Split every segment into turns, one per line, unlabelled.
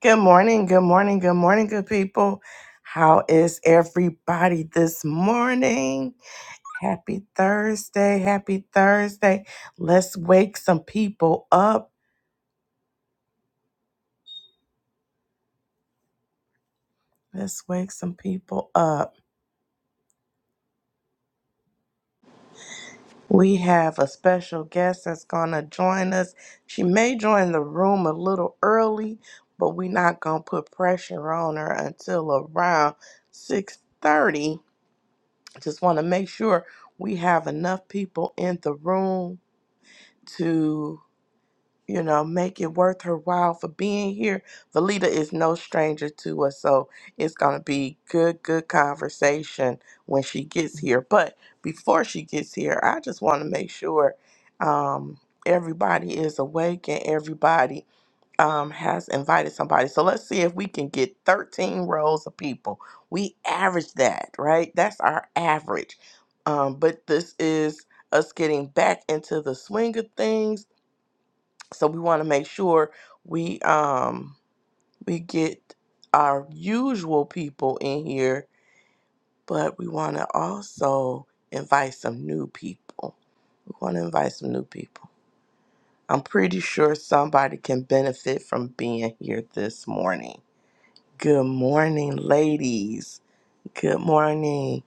Good morning, good morning, good morning, good people. How is everybody this morning? Happy Thursday, happy Thursday. Let's wake some people up. Let's wake some people up. We have a special guest that's going to join us. She may join the room a little early, but we're not going to put pressure on her until around 6:30. Just want to make sure we have enough people in the room to you know make it worth her while for being here valita is no stranger to us so it's going to be good good conversation when she gets here but before she gets here i just want to make sure um, everybody is awake and everybody um, has invited somebody so let's see if we can get 13 rows of people we average that right that's our average um, but this is us getting back into the swing of things so we want to make sure we um we get our usual people in here but we want to also invite some new people we want to invite some new people i'm pretty sure somebody can benefit from being here this morning good morning ladies good morning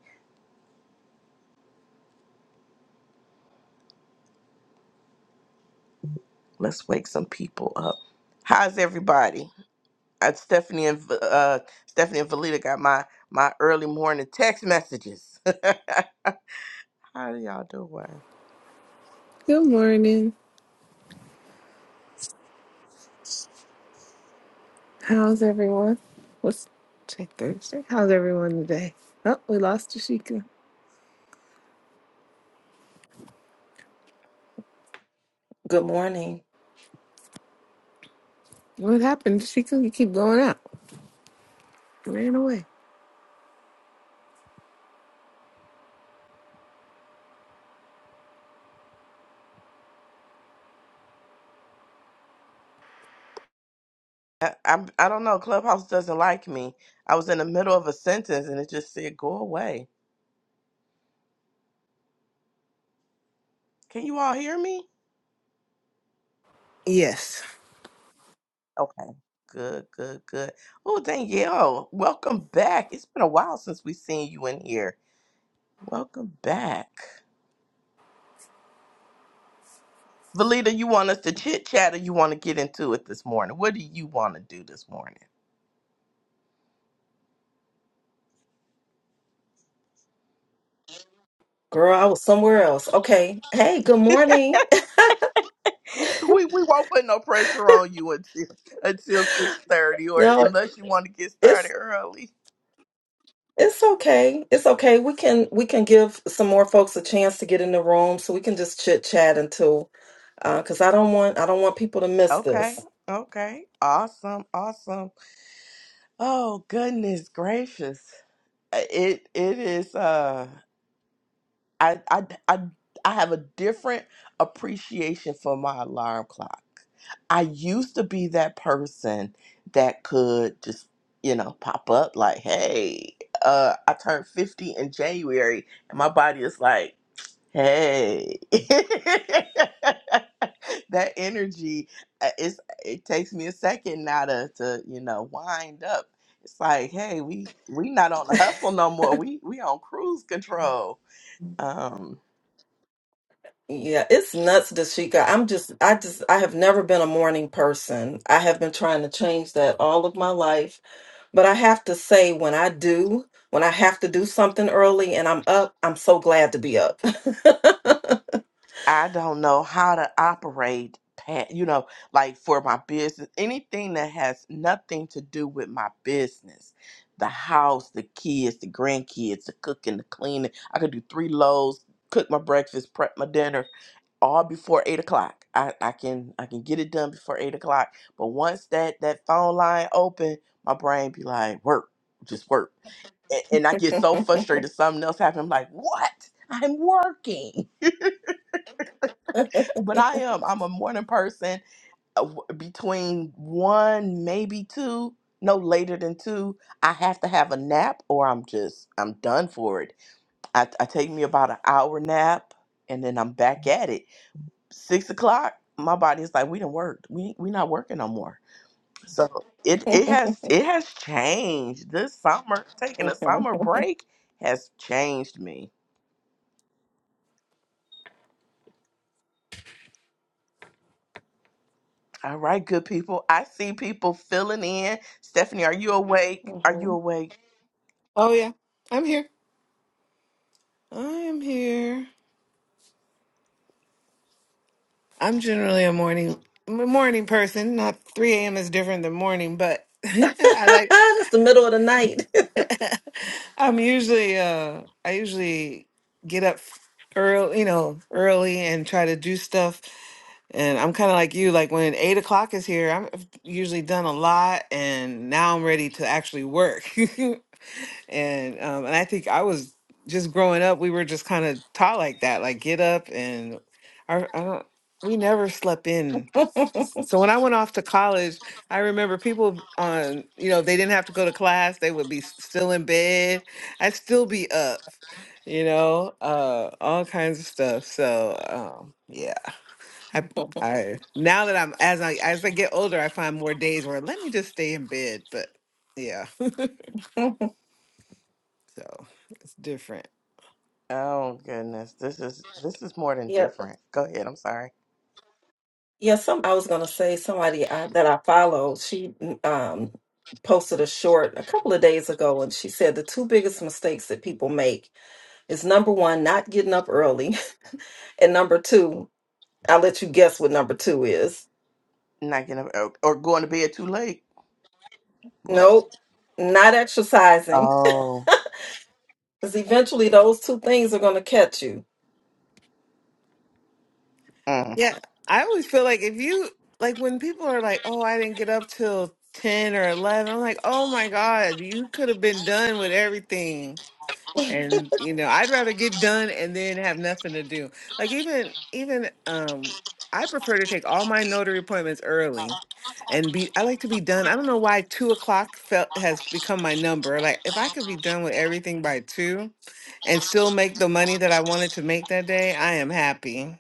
let's wake some people up how's everybody uh, stephanie and uh stephanie and valita got my my early morning text messages How do y'all doing?
Good morning. How's everyone? What's today, Thursday? How's everyone today? Oh, we lost to
Good morning.
What happened, Sheikah? You keep going out. You Ran away.
I, I I don't know. Clubhouse doesn't like me. I was in the middle of a sentence and it just said go away. Can you all hear me?
Yes.
Okay. Good, good, good. Oh, Danielle, welcome back. It's been a while since we've seen you in here. Welcome back. Valita, you want us to chit chat or you want to get into it this morning? What do you want to do this morning?
Girl, I was somewhere else. Okay. Hey, good morning.
We we won't put no pressure on you until until six thirty or
No,
unless you want to get started
it's
early.
it's okay. It's okay. We can we can give some more folks a chance to get in the room so we can just chit chat until uh because I don't want I don't want people to miss this.
Okay. Okay. Awesome. Awesome. Oh goodness gracious. It it is uh I I I I have a different appreciation for my alarm clock. I used to be that person that could just, you know, pop up like, "Hey, uh I turned 50 in January." And my body is like, Hey, that energy uh, it's, it takes me a second now to, to you know wind up. It's like, hey, we we not on the hustle no more. We we on cruise control. Um,
Yeah, it's nuts, Dashika. I'm just I just I have never been a morning person. I have been trying to change that all of my life. But I have to say when I do, when I have to do something early and I'm up, I'm so glad to be up.
I don't know how to operate, pa- you know, like for my business, anything that has nothing to do with my business, the house, the kids, the grandkids, the cooking, the cleaning. I could do three loads, cook my breakfast, prep my dinner all before eight o'clock. I, I can I can get it done before eight o'clock. But once that that phone line open, my brain be like, work, just work, and, and I get so frustrated. Something else happened. I'm like, what? I'm working, but I am. I'm a morning person. Uh, w- Between one, maybe two, no later than two, I have to have a nap, or I'm just I'm done for it. I, I take me about an hour nap, and then I'm back at it six o'clock, my body is like, we done worked. We we not working no more. So it it has it has changed. This summer, taking a
Mhm.
summer break has changed me. All right, good people. I see people filling in. Stephanie, are you awake? Are you
Mhm.
awake?
Oh yeah, I'm here. I am here. I'm generally a morning I'm a morning person. Not 3 a.m. is different than morning, but I like.
it's the middle of the night.
I'm usually uh I usually get up early, you know, early and try to do stuff And I'm kind of like you, like when eight o'clock is here, I'm I've usually done a lot, and now I'm ready to actually work. and um, and I think I was just growing up, we were just kind of taught like that, like get up and our, I don't, we never slept in. So when I went off to college, I remember people on, you know, if they didn't have to go to class, they would be s- still in bed. I'd still be up, you know, uh, all kinds of stuff. So um, yeah. I I now that I'm as I as I get older, I find more days where let me just stay in bed. But yeah, so it's different.
Oh goodness, this is this is more than
Yeah,
different. Go ahead. I'm sorry.
yeah. Some I was gonna say somebody I, that I follow. She um posted a short a couple of days ago, and she said the two biggest mistakes that people make is number one, not getting up early, and number two, I'll let you guess what number two is.
Not getting up or, or going to bed too late. What?
Nope, not exercising.
Oh.
Because eventually, those two things are gonna catch you.
Mm.
Yeah, I always feel like if you like when people are like, "Oh, I didn't get up till ten or 11, I'm like, "Oh my god, you could have been done with everything." And you know, I'd rather get done and then have nothing to do. Like even even um I prefer to take all my notary appointments early and be I like to be done. I don't know why two o'clock felt has become my number. Like if I could be done with everything by two and still make the money that I wanted to make that day, I am happy.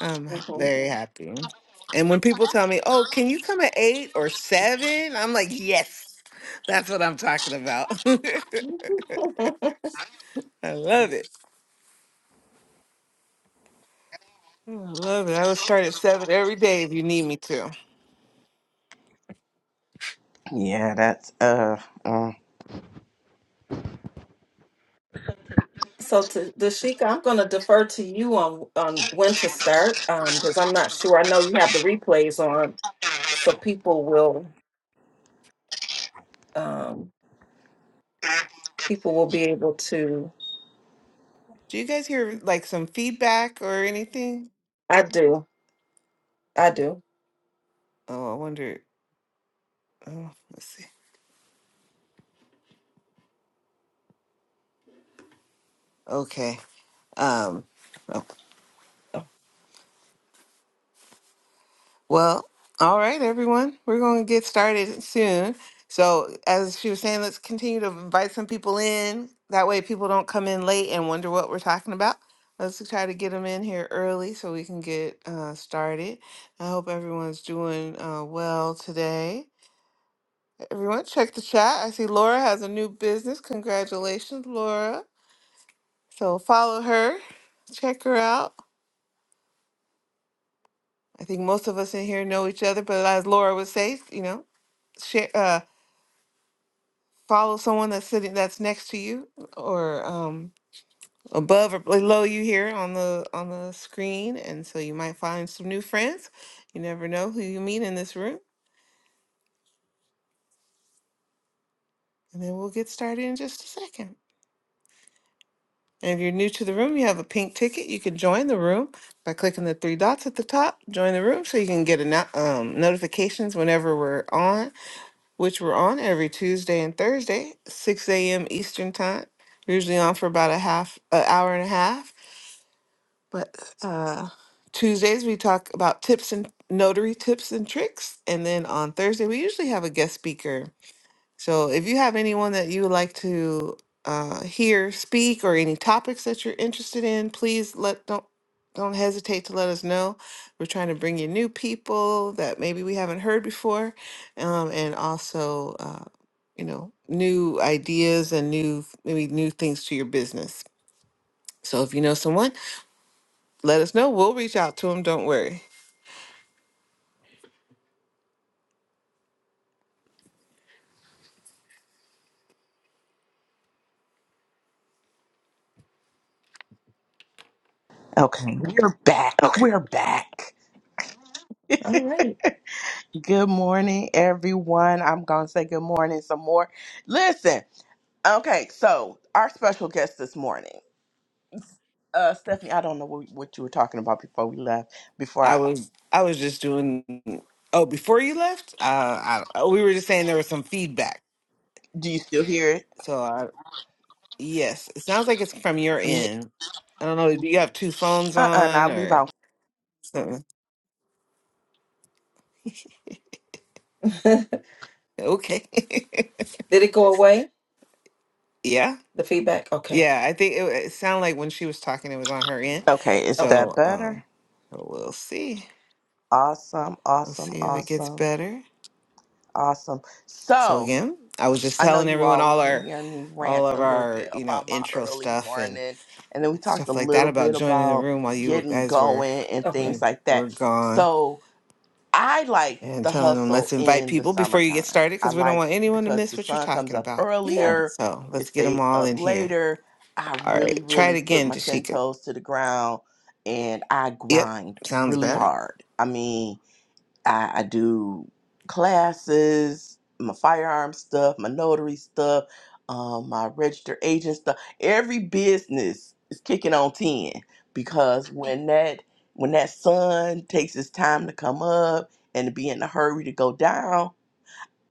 I'm h-
Mhm.
very happy. And when people tell me, Oh, can you come at eight or seven?" i I'm like, Yes, that's what I'm talking about. I love it. I love it. I will start at seven every day if you need me to.
Yeah, that's uh, uh
So, to Dashika, I'm going to defer to you on on when to start because I'm not sure. I know you have the replays on, so people will um, people will be able to.
Do you guys hear like some feedback or anything?
I do, I do.
Oh, I wonder. Oh, let's see. Okay. Um. oh, Well, all right, everyone. We're going to get started soon. So, as she was saying, let's continue to invite some people in. That way, people don't come in late and wonder what we're talking about. Let's try to get them in here early so we can get uh, started. I hope everyone's doing uh, well today. Everyone, check the chat. I see Laura has a new business. Congratulations, Laura. So follow her, check her out. I think most of us in here know each other, but as Laura would say, you know, share, uh, follow someone that's sitting that's next to you or um, above or below you here on the on the screen, and so you might find some new friends. You never know who you meet in this room, and then we'll get started in just a second. And if you're new to the room, you have a pink ticket. You can join the room by clicking the three dots at the top. Join the room so you can get a no- um, notifications whenever we're on, which we're on every Tuesday and Thursday, 6 a.m. Eastern time. We're usually on for about a half, an hour and a half. But uh, Tuesdays we talk about tips and notary tips and tricks, and then on Thursday we usually have a guest speaker so if you have anyone that you would like to uh, hear speak or any topics that you're interested in, please let don't don't hesitate to let us know. We're trying to bring you new people that maybe we haven't heard before, um, and also uh, you know new ideas and new maybe new things to your business. So if you know someone, let us know. We'll reach out to them. Don't worry.
okay. We're back.
Okay.
We're back.
All right.
Good morning, everyone. I'm gonna say good morning some more. Listen. Okay, so our special guest this morning, uh, Stephanie. I don't know what, what you were talking about before we left. Before
I
I,
was I was just doing. Oh, before you left, uh, I, we were just saying there was some feedback.
do you still hear it
So I, Yes, it sounds like it's from your
from me?
end. I don't know. Do you have two phones
Uh, uh-uh,
on
I'll leave
or
out.
something?
Did
Okay.
it go away?
yeah.
The feedback? Okay,
Yeah. I think it, it sounded like when she was talking, it was on her end.
Okay, is
okay,
that
So
better?
um, so we'll see.
Awesome,
We'll
awesome,
see if it gets
awesome,
better.
awesome.
So
So
again, I was just
I know
telling
you
everyone
all were
all our,
hearing me
all
rant
of
a little
our,
bit
you know,
about my
intro
early
stuff and
morning, and then we talked a
stuff like that
little
about
bit
joining the
about
room while you
getting
guys were,
going and things
okay.
were,
like
were
that.
gone.
So I like
and
the
telling them
hustle
let's invite
in the
people before you get
summertime.
started
I
because we don't
like
want anyone to
because the
miss what you're
sun comes
talking
up
about.
Yeah.
earlier,
So
it
let's get them
stays
all
up
in here.
later. I
All
really,
right, try it
really put
again,
my 10
Tashika.
toes to the ground and I
Yep,
grind
sounds
really
better.
hard. I mean, I, I do classes, my firearm stuff, my notary stuff, um, my registered agent stuff. Every business is kicking on ten because when that when that sun takes its time to come up and to be in a hurry to go down,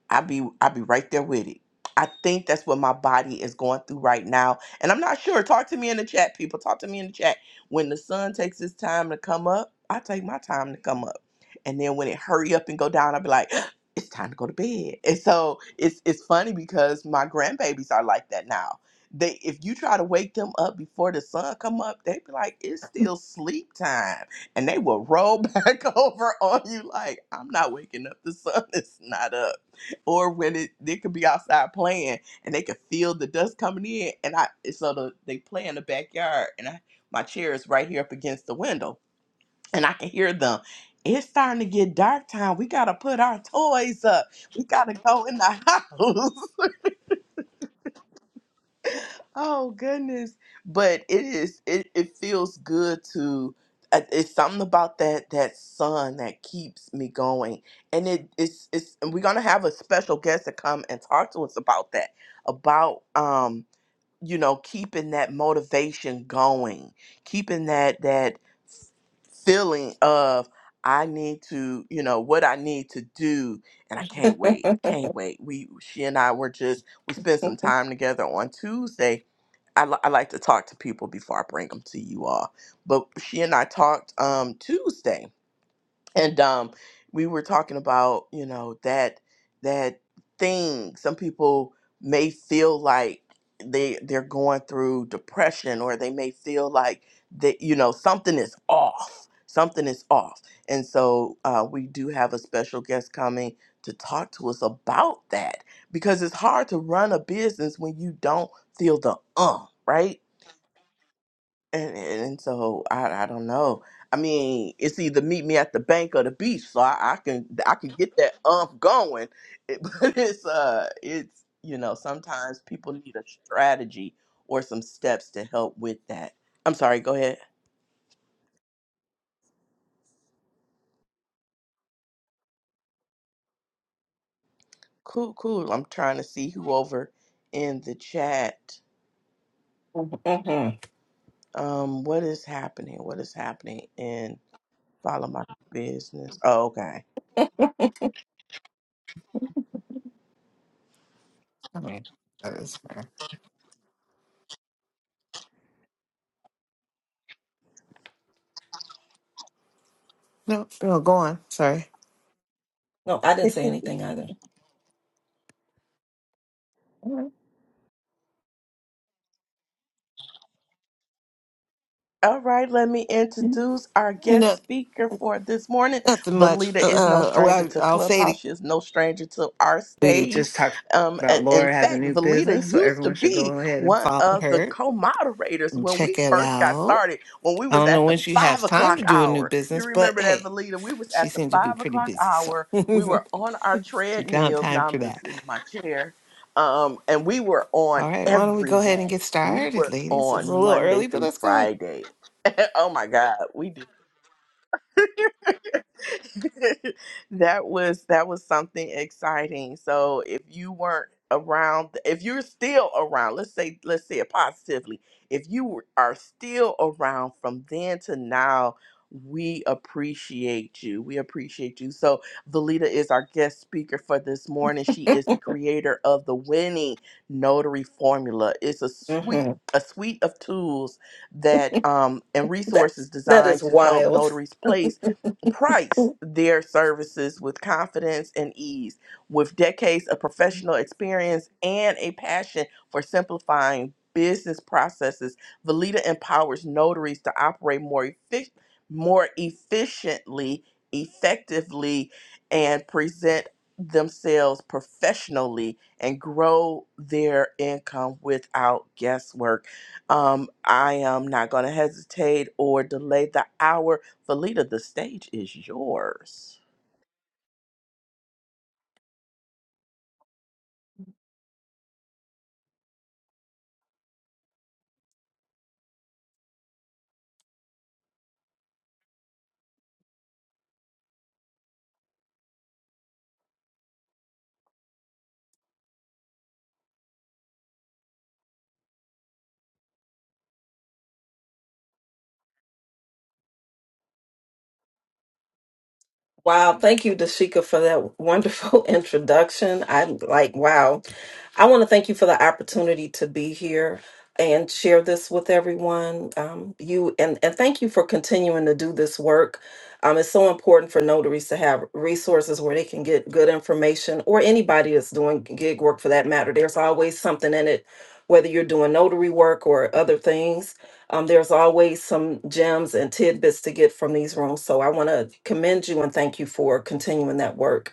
I be I be right there with it. I think that's what my body is going through right now. And I'm not sure. Talk to me in the chat, people. Talk to me in the chat. When the sun takes its time to come up, I take my time to come up. And then when it hurry up and go down, I'll be like, it's time to go to bed. And so it's it's funny because my grandbabies are like that now. They if you try to wake them up before the sun come up, they be like, it's still sleep time. And they will roll back over on you like, I'm not waking up. The sun is not up or when it they could be outside playing and they could feel the dust coming in and I so the, they play in the backyard and I my chair is right here up against the window and I can hear them. It's starting to get dark time. We gotta put our toys up. We gotta go in the house. Oh goodness. But it is it, it feels good to I- it's something about that that sun that keeps me going. And it it's it's and we're gonna have a special guest to come and talk to us about that. About um, you know, keeping that motivation going, keeping that that feeling of I need to, you know, what I need to do, and I can't wait, can't wait. We, she and I were just, we spent some time together on Tuesday, I, li- I like to talk to people before I bring them to you all. But she and I talked um, Tuesday, and um, we were talking about you know that that thing. Some people may feel like they they're going through depression, or they may feel like that you know something is off. Something is off, and so uh, we do have a special guest coming to talk to us about that because it's hard to run a business when you don't feel the um, right? And, and and so I I don't know. I mean, it's either meet me at the bank or the beach, so I, I can I can get that umph going. It, but it's uh it's you know sometimes people need a strategy or some steps to help with that. I'm sorry. Go ahead. Cool, cool. I'm trying to see who over in the chat.
Mm-hmm.
Um, what is happening? What is happening in follow my business? Oh, okay.
I mean, that is fair. No, no, go on. Sorry.
No, I didn't say anything either. All right.
All right, let me introduce our guest
No,
speaker for this morning.
nothing much.
Valita
Uh,
is no
uh, well,
stranger to
I- I'll say
Clubhouse.
it.
She is no stranger to our
We
stage.
just talked
Um, a-
about
in
Laura has a
fact,
new
Valita
business, so
used to
everyone should go
be
ahead and
one
follow
of the
her
co-moderators
and
when we
check it
first got
out.
started, when we
I
was
don't
at
know
the
when she
five
has time
o'clock
to do a new
hour. You
business, but
remember that,
hey,
Valita? We was
she
at the
seemed to be
five
pretty
o'clock
busy, so
hour. We were on our
she found
treadmills.
time
Now
for
I'm just
that.
sitting in my chair. Um, and we were on
All right, why don't we
every
go ahead and
day.
get
We
started,
were
ladies? It's a
on
little
Monday
early, but
through
let's go ahead.
Friday oh my God, we did. that was that was something exciting. So if you weren't around, if you're still around, let's say let's say it positively, if you were- are still around from then to now, we appreciate you. We appreciate you. So Valita is our guest speaker for this morning. She is the creator of the winning notary formula. It's a suite
Mm-hmm.
a suite of tools that um, and
That's
resources
that is
designed to help
wild.
notaries place price their services with confidence and ease, with decades of professional experience and a passion for simplifying business processes. Valita empowers notaries to operate more effi- more efficiently, effectively, and present themselves professionally and grow their income without guesswork. Um, I am not going to hesitate or delay the hour Felita, the stage is yours.
Wow, thank you, Dashika, for that wonderful introduction. I like, wow. I want to thank you for the opportunity to be here and share this with everyone. Um, you and, and thank you for continuing to do this work. Um, it's so important for notaries to have resources where they can get good information, or anybody that's doing gig work for that matter. There's always something in it, whether you're doing notary work or other things um, there's always some gems and tidbits to get from these rooms. So I want to commend you and thank you for continuing that work.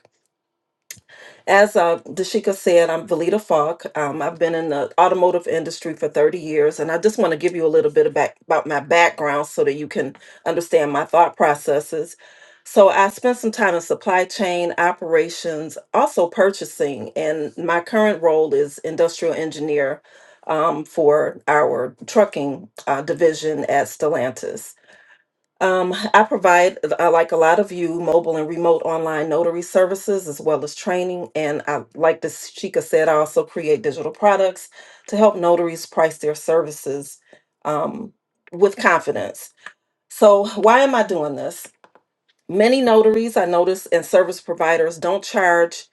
As uh, Dashika said, I'm Valita Falk. Um, I've been in the automotive industry for 30 years, and I just want to give you a little bit about, about my background so that you can understand my thought processes. So, I spent some time in supply chain operations, also purchasing, and my current role is industrial engineer um, for our trucking uh, division at Stellantis. Um, I provide, uh, like a lot of you, mobile and remote online notary services as well as training. And I, like this Chica said, I also create digital products to help notaries price their services um, with confidence. So, why am I doing this? Many notaries I notice and service providers don't charge.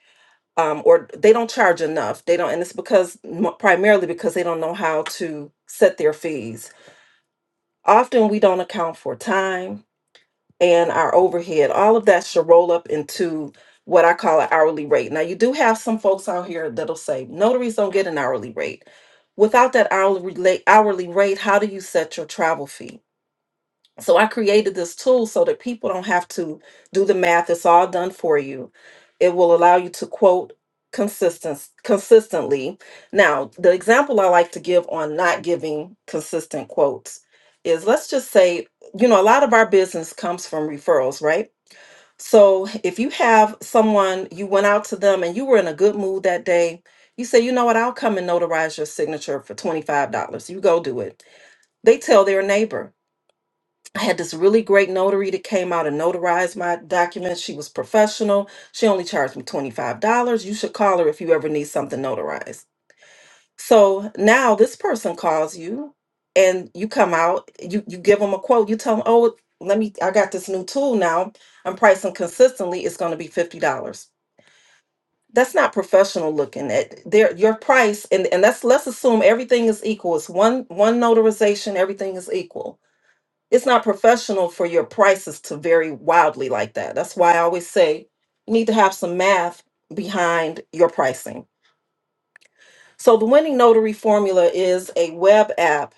Um, or they don't charge enough. They don't, and it's because primarily because they don't know how to set their fees. Often we don't account for time and our overhead, all of that should roll up into what I call an hourly rate. Now, you do have some folks out here that'll say notaries don't get an hourly rate. Without that hourly rela- hourly rate, how do you set your travel fee? So I created this tool so that people don't have to do the math. It's all done for you. It will allow you to quote consistent consistently. Now, the example I like to give on not giving consistent quotes is let's just say, you know, a lot of our business comes from referrals, right? So if you have someone, you went out to them and you were in a good mood that day, you say, you know what, I'll come and notarize your signature for $25. You go do it. They tell their neighbor. I had this really great notary that came out and notarized my documents. She was professional. She only charged me $25. You should call her if you ever need something notarized. So now this person calls you and you come out, you, you give them a quote. You tell them, oh, let me, I got this new tool now. I'm pricing consistently. It's going to be $50. That's not professional looking at their your price and, and that's let's assume everything is equal. It's one one notarization, everything is equal it's not professional for your prices to vary wildly like that. That's why I always say you need to have some math behind your pricing. So the winning notary formula is a web app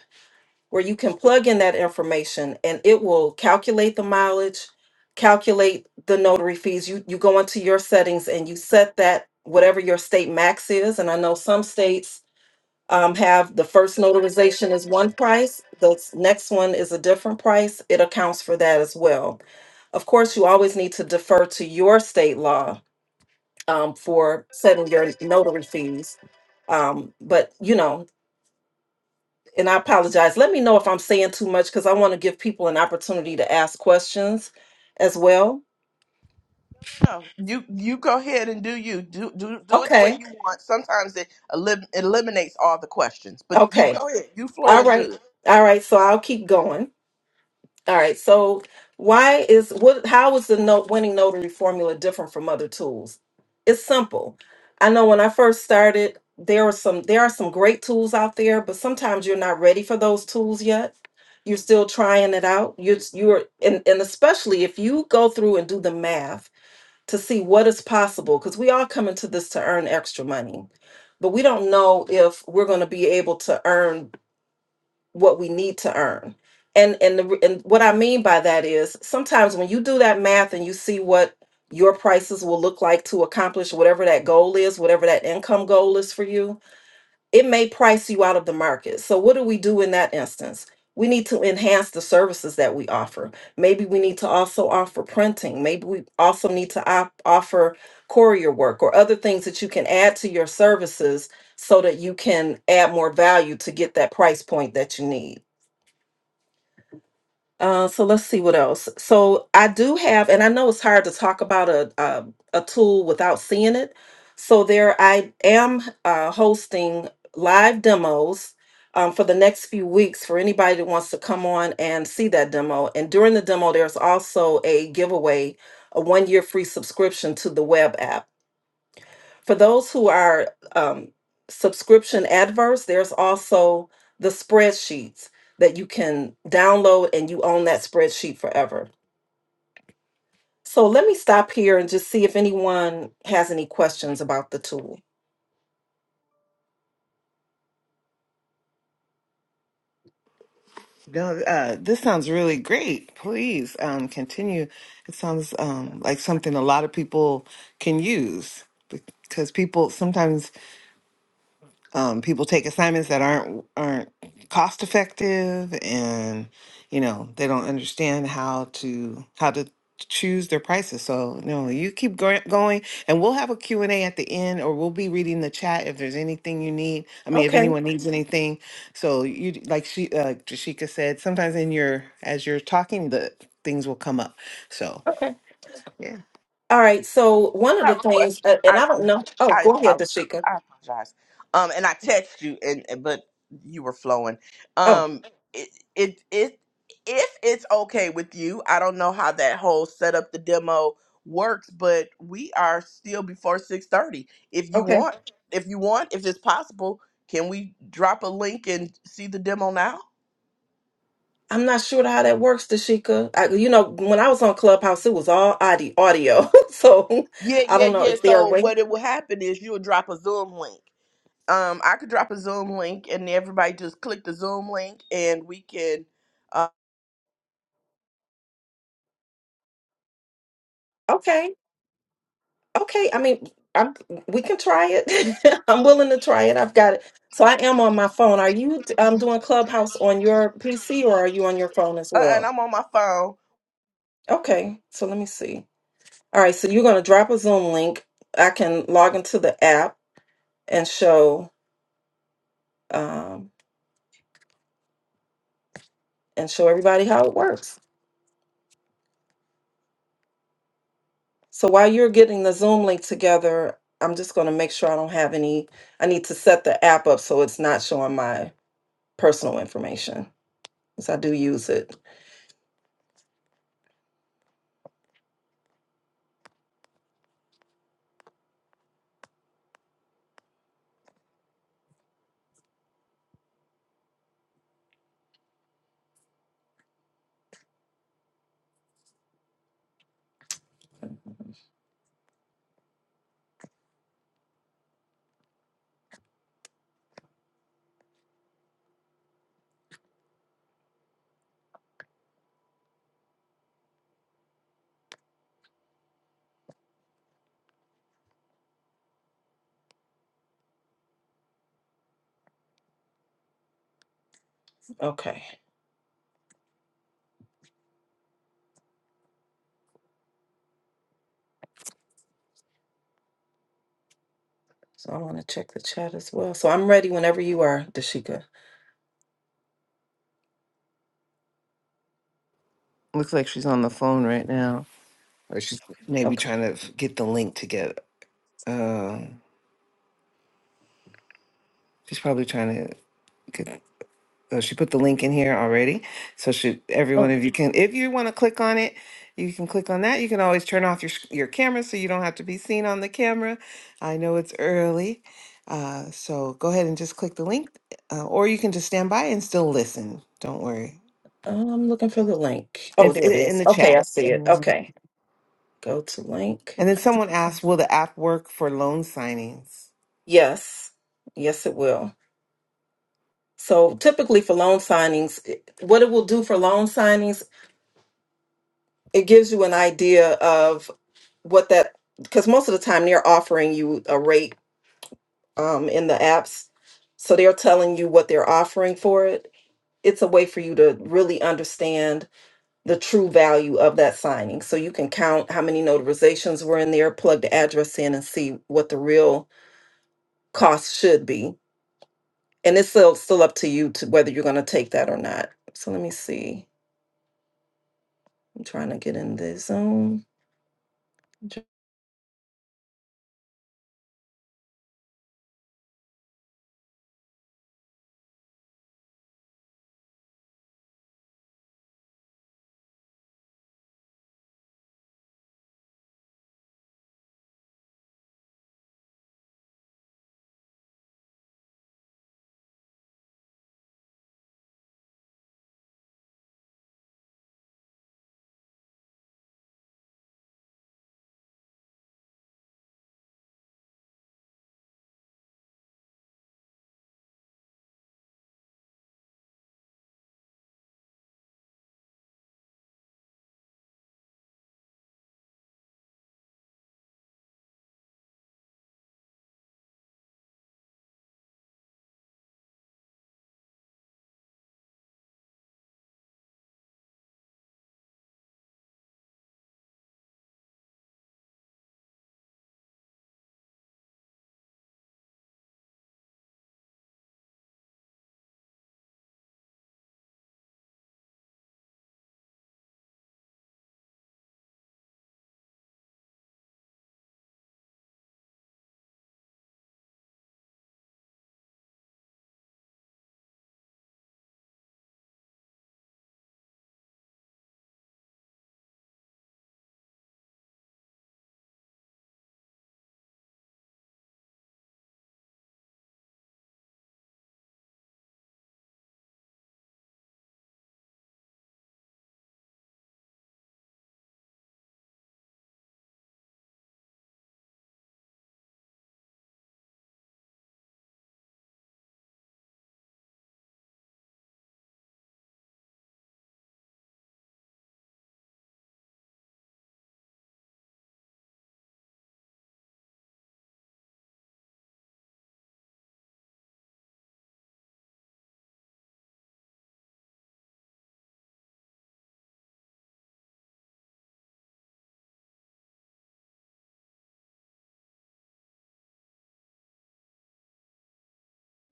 where you can plug in that information and it will calculate the mileage, calculate the notary fees. You you go into your settings and you set that whatever your state max is and I know some states um, have the first notarization is one price, the s- next one is a different price. It accounts for that as well. Of course, you always need to defer to your state law um, for setting your notary fees. Um, but, you know, and I apologize. Let me know if I'm saying too much because I want to give people an opportunity to ask questions as well.
No, you you go ahead and do you do do do it the way
Okay.
you want. Sometimes it elim- eliminates all the questions, but you
Okay.
go ahead. You
All
flowing
right.
good.
All right. So I'll keep going. All right. So why is what how is the note winning notary formula different from other tools? It's simple. I know when I first started, there are some there are some great tools out there, but sometimes you're not ready for those tools yet. You're still trying it out. You're you're and, and especially if you go through and do the math to see what is possible, because we all come into this to earn extra money. But we don't know if we're going to be able to earn what we need to earn. And and the, and what I mean by that is sometimes when you do that math and you see what your prices will look like to accomplish whatever that goal is, whatever that income goal is for you, it may price you out of the market. So what do we do in that instance? We need to enhance the services that we offer. Maybe we need to also offer printing. Maybe we also need to op- offer courier work or other things that you can add to your services so that you can add more value to get that price point that you need. Uh, so let's see what else. So I do have, and I know it's hard to talk about a a, a tool without seeing it. So there, I am uh, hosting live demos um, for the next few weeks for anybody that wants to come on and see that demo. And during the demo, there's also a giveaway, a one year free subscription to the web app. For those who are um, subscription adverse, there's also the spreadsheets that you can download and you own that spreadsheet forever. So let me stop here and just see if anyone has any questions about the tool.
No, uh, this sounds really great. Please um, continue. It sounds um, like something a lot of people can use because people sometimes um, people take assignments that aren't aren't cost effective and you know they don't understand how to how to choose their prices so you know you keep go- going and we'll have a Q and a at the end or we'll be reading the chat if there's anything you need i mean if
Okay.
anyone needs anything so you d- like she uh jashika said sometimes in your as you're talking the things will come up so
Okay.
yeah
All right. So one of
I
the
have a
things,
question.
uh, and
I
I
do.
don't know. Oh,
I, I
go ahead,
apologize.
Dashika.
I apologize. Um, and I text you, and and- but you were flowing.
Oh,
Um, it it it if it's okay with you, I don't know how that whole set up the demo works, but we are still before six thirty. If you
okay.
want, if you want, if it's possible, can we drop a link and see the demo now?
I'm not sure how that works, Dashika. I, you know, when I was on Clubhouse, it was all audio. audio. so
Yeah,
I
yeah,
don't know.
yeah.
Is there a
So
way?
what it will happen is you'll drop a Zoom link. um, I could drop a Zoom link, and everybody just click the Zoom link, and we can. Uh,
Okay. Okay. I mean, I'm, we can try it. I'm willing to try it. I've got it. So I am on my phone. Are you um, doing Clubhouse on your PC or are you on your phone as
uh, and
well?
I'm on my phone.
Okay. So let me see. All right, so you're going to drop a Zoom link. I can log into the app and show um, and show everybody how it works. So while you're getting the Zoom link together, I'm just going to make sure I don't have any. I need to set the app up so it's not showing my personal information because I do use it. Okay, so I want to check the chat as well. So I'm ready whenever you are, Dashika.
looks like she's on the phone right now or she's maybe
Okay.
trying to f- get the link together She's probably trying to get. Oh, she put the link in here already. So should every one of you can, if you want to click on it, you can click on that. You can always turn off your sh- your camera so you don't have to be seen on the camera. I know it's early, uh, so go ahead and just click the link, uh, or you can just stand by and still listen. Don't worry.
Oh, I'm looking for the link. Oh,
It's
there it
i- in
is.
the
Okay, I
chat.
see it.
Mhm.
Okay, go to link.
And then someone asked, "Will the app work for loan signings?"
Yes, yes, it will. So typically for loan signings, it- what it will do for loan signings, it gives you an idea of what that because most of the time they're offering you a rate um, in the apps, so they're telling you what they're offering for it. It's a way for you to really understand the true value of that signing, so you can count how many notarizations were in there, plug the address in, and see what the real cost should be. And it's still still up to you to whether you're going to take that or not. So let me see. I'm trying to get in the zone.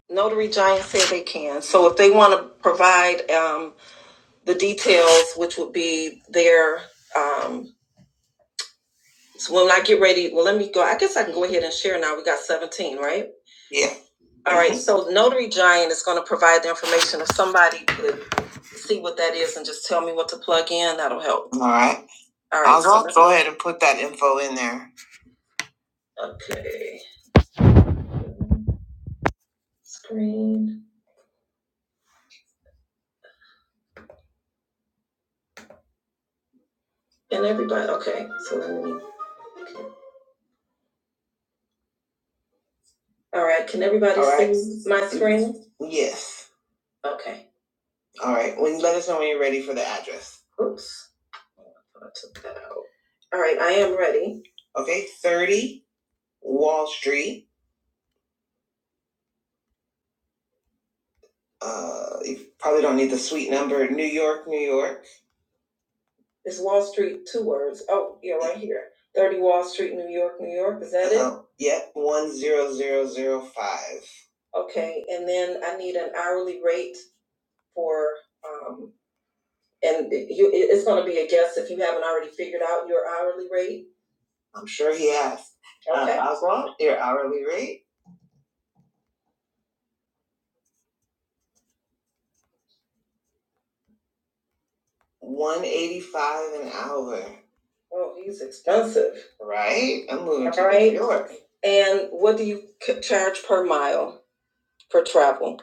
Notary Giant said they can. So if they want to provide um, the details, which would be their um, So when I get ready, well, let me go. I guess I can go ahead and share now. We got 17, right? Yeah. All right, Mhm. so Notary Giant is going to provide the information. If somebody could see what that is and just tell me what to plug in, that'll help. All right. All right. I'll so go let's- go ahead and put that info in there. Okay. Screen. And everybody, okay. So let me. okay. All right, can everybody All right. see my screen? Yes. Okay. All right, when let us know when you're ready for the address. Oops, Oh, I took that out. All right, I am ready. Okay, 30 Wall Street. Uh, you probably don't need the suite number. New York, New York. It's Wall Street, two words. Oh, yeah, right here. 30 Wall Street, New York, New York. Is that it? Uh-huh. it? Yep, 10005. Okay, and then I need an hourly rate for, um, and you, it's going to be a guess if you haven't already figured out your hourly rate. I'm sure he has. Uh, Okay. Um, Oswald, your hourly rate, one eighty five an hour, Well, he's expensive. right? I'm moving to Right. New York. And what do you c- charge per mile for travel?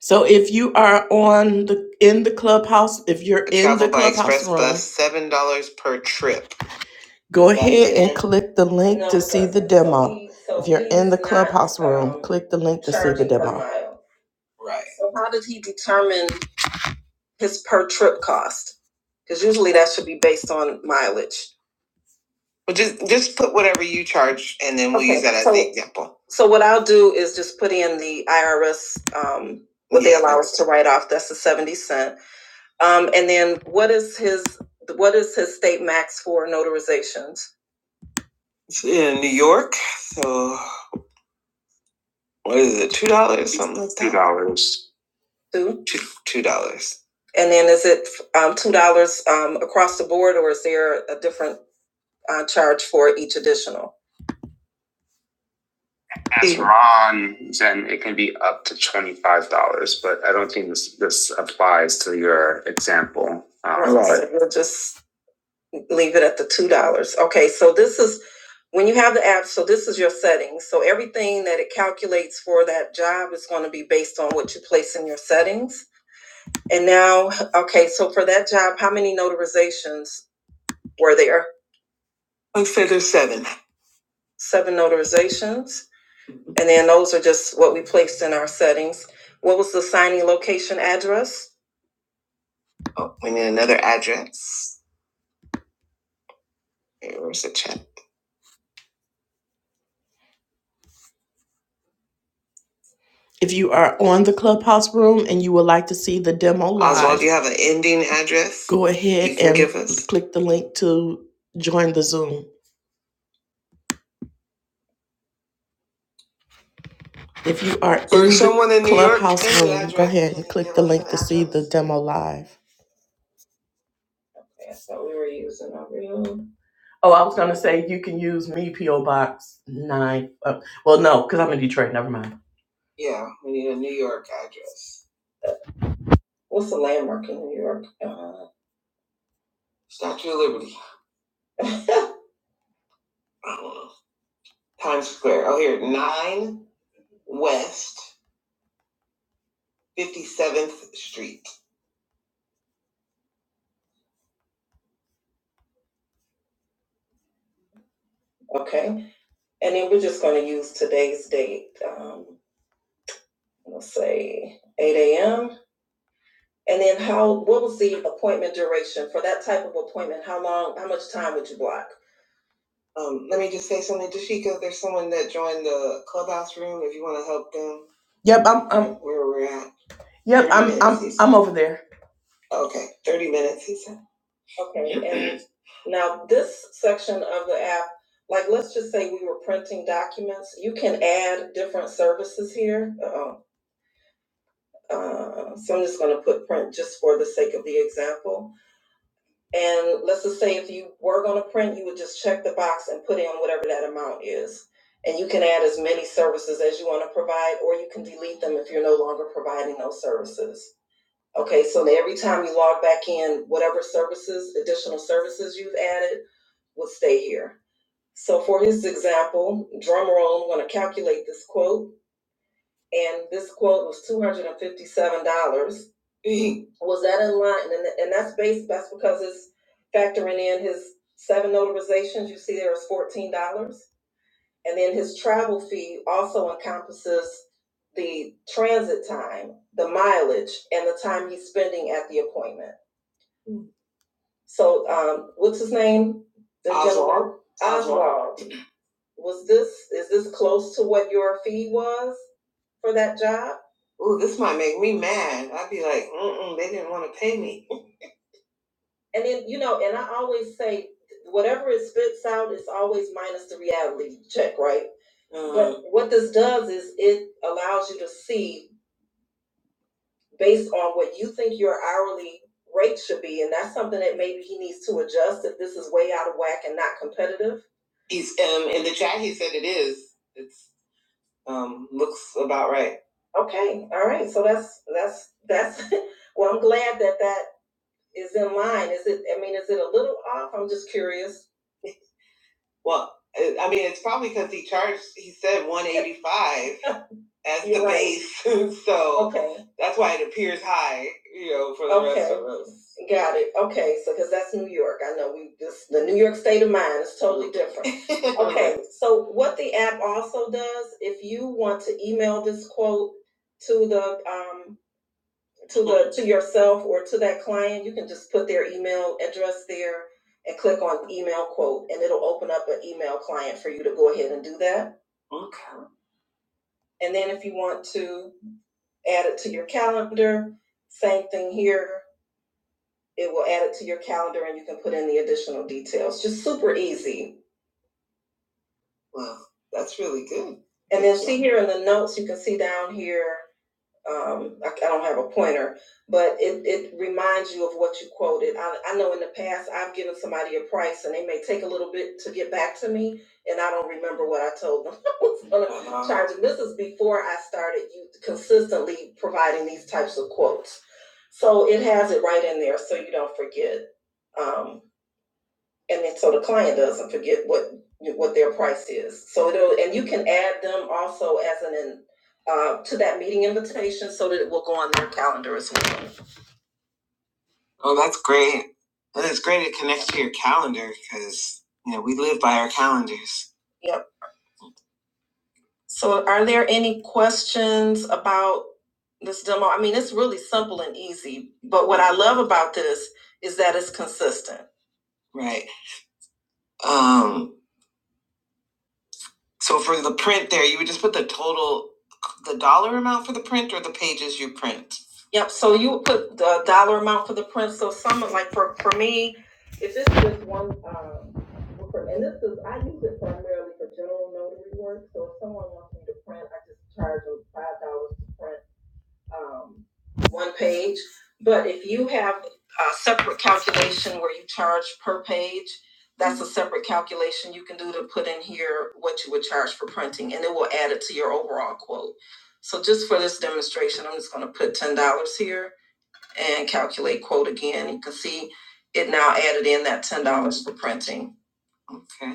So if you are on the in the clubhouse, if you're in Travel the by clubhouse express room, bus, seven dollars per trip. go That's ahead and it. click the link No, to see the So demo. he, so If you're in he's the he's not clubhouse room, um, click the link to see the charging per demo. mile. Right. So how did he determine? his per trip cost because usually that should be based on mileage. Well, just just put whatever you charge, and then we'll use Okay, that as so the example. So what I'll do is just put in the IRS, um, what they Yeah. allow us to write off, that's the seventy cent. Um, and then what is his, what is his state max for notarizations? It's in New York, so what is it? Two dollars, something like that. Two dollars. Two. two two dollars. And then is it um, two dollars um, across the board, or is there a different uh, charge for each additional? As Ron, then it can be up to twenty five dollars, but I don't think this this applies to your example. Um, All right, so We'll just leave it at the two dollars. Okay, so this is, when you have the app, so this is your settings. So everything that it calculates for that job is gonna be based on what you place in your settings. And now, okay, so for that job, how many notarizations were there? I said there's seven. Seven notarizations, and then those are just what we placed in our settings. What was the signing location address? Oh, we need another address. Hey, Where's the chat? If you are on the clubhouse room and you would like to see the demo live, Oswald, do you have an ending address? go ahead You can and give us. click the link to join the Zoom. If you are in the someone in New York, clubhouse this room, go address ahead and click the link to see the demo live. That's what we were using over here. Oh, I was gonna say you can use me PO Box nine. Uh, well, no, because I'm in Detroit. Never mind. Yeah, we need a New York address. What's the landmark in New York? Uh, Statue of Liberty. I don't know. Times Square. Oh, here, 9 West 57th Street. Okay. And then we're just going to use today's date. Um, Let's say eight AM. And then how, what was the appointment duration for that type of appointment? How long, how much time would you block? Um, let me just say something, Dashika. There's someone that joined the clubhouse room. If you want to help them, Yep, I'm I'm where we're at, yep, thirty I'm minutes. I'm He said. I'm over there. Okay, thirty minutes. He said. Okay, and now this section of the app, like, let's just say we were printing documents, you can add different services here. uh, so I'm just going to put print just for the sake of the example. And let's just say if you were going to print, you would just check the box and put in whatever that amount is. And you can add as many services as you want to provide, or you can delete them if you're no longer providing those services. Okay, so every time you log back in, whatever services, additional services you've added, will stay here. So for his example, drum roll, I'm going to calculate this quote and this quote was two hundred and fifty-seven dollars. Was that in line? And, and that's based, that's because it's factoring in his seven notarizations, you see there is fourteen dollars. And then his travel fee also encompasses the transit time, the mileage, and the time he's spending at the appointment. So, um, what's his name? The gentleman? Oswald. Was this, is this close to what your fee was for that job? Ooh, this might make me mad. I'd be like, mm-mm, they didn't want to pay me. And then, you know, and I always say, whatever it spits out is always minus the reality check, right? Um, But what this does is it allows you to see based on what you think your hourly rate should be, and that's something that maybe he needs to adjust if this is way out of whack and not competitive. He's um in the chat he said its it is. It's Um, looks about right. Okay, all right. So that's that's that's. Well, I'm glad that that is in line. Is it? I mean, is it a little off? I'm just curious. Well, I I mean, it's probably because he charged. He said one eighty five as the You're the right. base, so okay, that's why it appears high. You know, for the rest Okay. of Okay. us. Got it. Okay, so because that's New York, I know we this the New York state of mind is totally different. okay, so what the app also does, if you want to email this quote to the um to the, to yourself or to that client, you can just put their email address there and click on email quote, and it'll open up an email client for you to go ahead and do that. Okay. And then if you want to add it to your calendar, same thing here, it will add it to your calendar and you can put in the additional details, just super easy. Wow, that's really good. And then see here in the notes, you can see down here, um, I, I don't have a pointer, but it, it reminds you of what you quoted. I, I know in the past I've given somebody a price and they may take a little bit to get back to me, and I don't remember what I told them I was going to charge them. This is before I started you consistently providing these types of quotes. So it has it right in there so you don't forget. Um, and then, so the client doesn't forget what, what their price is. So it'll, and you can add them also as an, uh, to that meeting invitation so that it will go on their calendar as well. Oh, that's great. Well, it's great to connect to your calendar because, you know, we live by our calendars. Yep. So are there any questions about this demo? I mean, it's really simple and easy, but what I love about this is that it's consistent. Right. Um, So for the print there, you would just put the total, the dollar amount for the print or the pages you print? Yep, so you put the dollar amount for the print, so some, like for, for me, if this is just one, um, for- and this is, I use it primarily for general notary work, so if someone wants me to print, I just charge them five dollars to print um, one page. But if you have a separate calculation where you charge per page, that's a separate calculation you can do to put in here what you would charge for printing, and it will add it to your overall quote. So just for this demonstration, I'm just gonna put ten dollars here and calculate quote again. You can see it now added in that ten dollars for printing. Okay.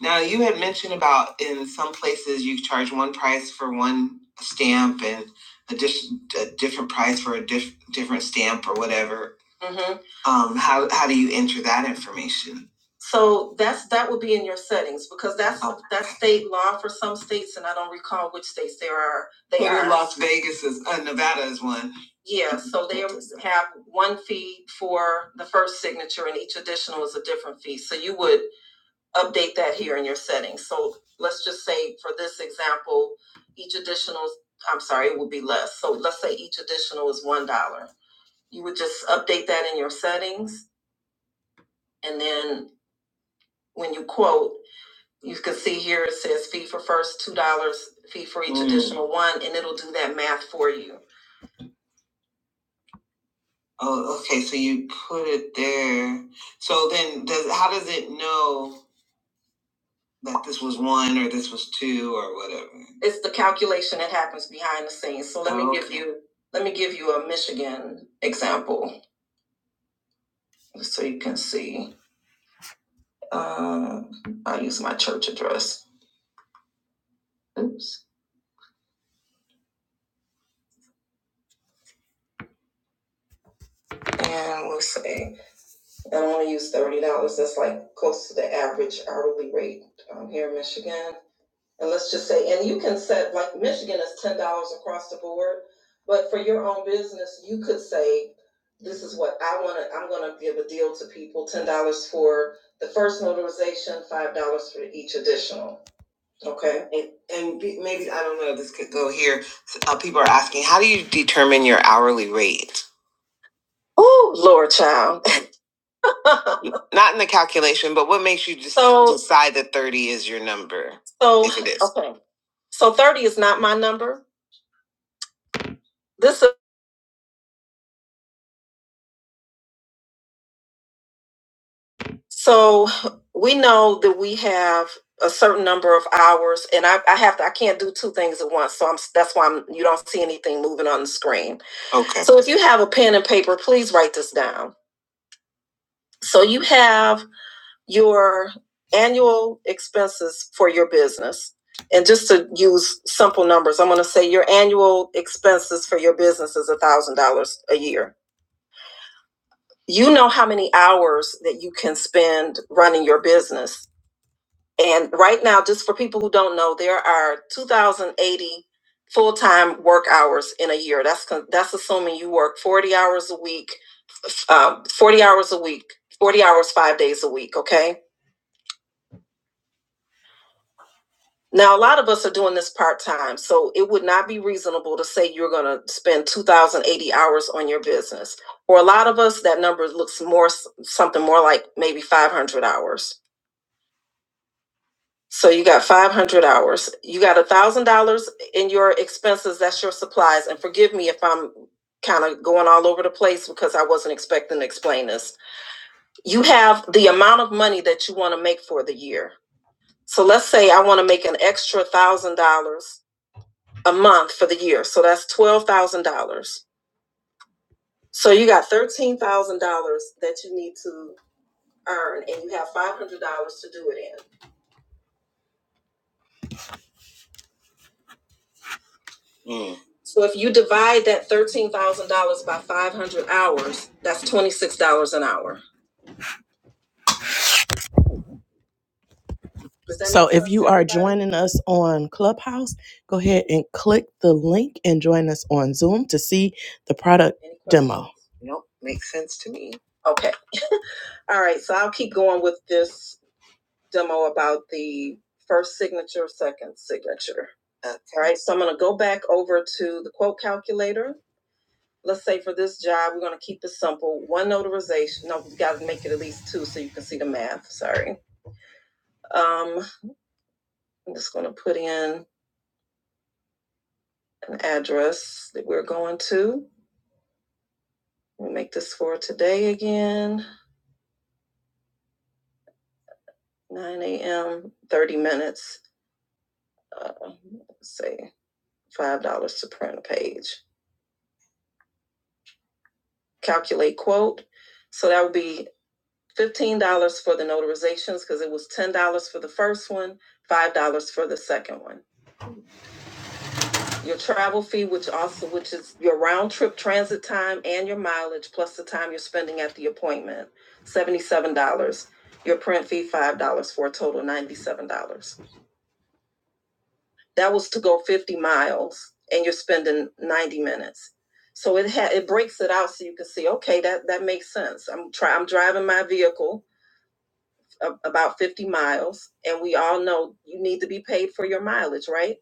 Now, you had mentioned about in some places you charge one price for one stamp and a, dis- a different price for a diff- different stamp or whatever. hmm Um, how, how do you enter that information? So that's that would be in your settings because that's Okay. that's state law for some states, and I don't recall which states there are. They Well, are Las Vegas is uh, Nevada is one. Yeah, so they have one fee for the first signature, and each additional is a different fee. So you would update that here in your settings. So let's just say for this example, each additional, I'm sorry, it would be less. So let's say each additional is $1. You would just update that in your settings. And then when you quote, you can see here it says fee for first $2, fee for each Mm. additional one, and it'll do that math for you. Oh, okay. So you put it there. So then does, how does it know? that this was one or this was two or whatever. It's the calculation that happens behind the scenes. So let me give Okay. you let me give you a Michigan example so you can see. Uh, I'll use my church address. Oops. And we'll say that only use thirty dollars. That's like close to the average hourly rate um, here in Michigan. And let's just say, and you can set, like Michigan is ten dollars across the board, but for your own business, you could say, this is what I wanna, I'm gonna give a deal to people, ten dollars for the first notarization, five dollars for each additional, okay? And, and maybe, I don't know, this could go here. Uh, people are asking, how do you determine your hourly rate? Oh, Lord child. Not in the calculation, but what makes you just So, decide that 30 is your number? so, If it is. okay. So 30 is not my number. This is, so we know that we have a certain number of hours and I, I have to, I can't do two things at once. So I'm, that's why I'm, you don't see anything moving on the screen. Okay. So if you have a pen and paper, please write this down. So you have your annual expenses for your business. And just to use simple numbers, I'm going to say your annual expenses for your business is a thousand dollars a year you know how many hours that you can spend running your business. And right now, just for people who don't know, there are 2,080 full-time work hours in a year. That's con- that's assuming you work 40 hours a week, f- um, 40 hours a week, 40 hours five days a week. Okay. Now, a lot of us are doing this part-time, so it would not be reasonable to say you're going to spend 2,080 hours on your business. For a lot of us, that number looks more s- something more like maybe 500 hours So you got 500 hours. You got a $1,000 in your expenses. That's your supplies. And forgive me if I'm kind of going all over the place because I wasn't expecting to explain this. You have the amount of money that you want to make for the year. So let's say I want to make an extra $1,000 a month for the year. So that's $12,000. So you got $13,000 that you need to earn and you have $500 to do it in. Mm. So if you divide that thirteen thousand dollars by five hundred hours, that's twenty six dollars an hour. Does that So make if sense you to are everybody? joining us on Clubhouse, go ahead and click the link and join us on Zoom to see the product Any questions? demo. Nope, makes sense to me. Okay, all right, so I'll keep going with this demo about the first signature, second signature. Okay. All right, so I'm gonna go back over to the quote calculator. let's say for this job, we're gonna keep it simple. One notarization. No, we gotta make it at least two so you can see the math. Sorry. Um, I'm just gonna put in an address that we're going to. We'll make this for today again, 9 a.m., 30 minutes. Uh, let's say $5 to print a page. Calculate quote. So that would be $15 for the notarizations because it was $10 for the first one, $5 for the second one. your travel fee, which also which is your round trip transit time and your mileage plus the time you're spending at the appointment, seventy-seven dollars. Your print fee five dollars for a total ninety-seven dollars. That was to go fifty miles and you're spending ninety minutes. So it ha- it breaks it out so you can see okay that that makes sense. I'm try I'm driving my vehicle a- about 50 miles and we all know you need to be paid for your mileage right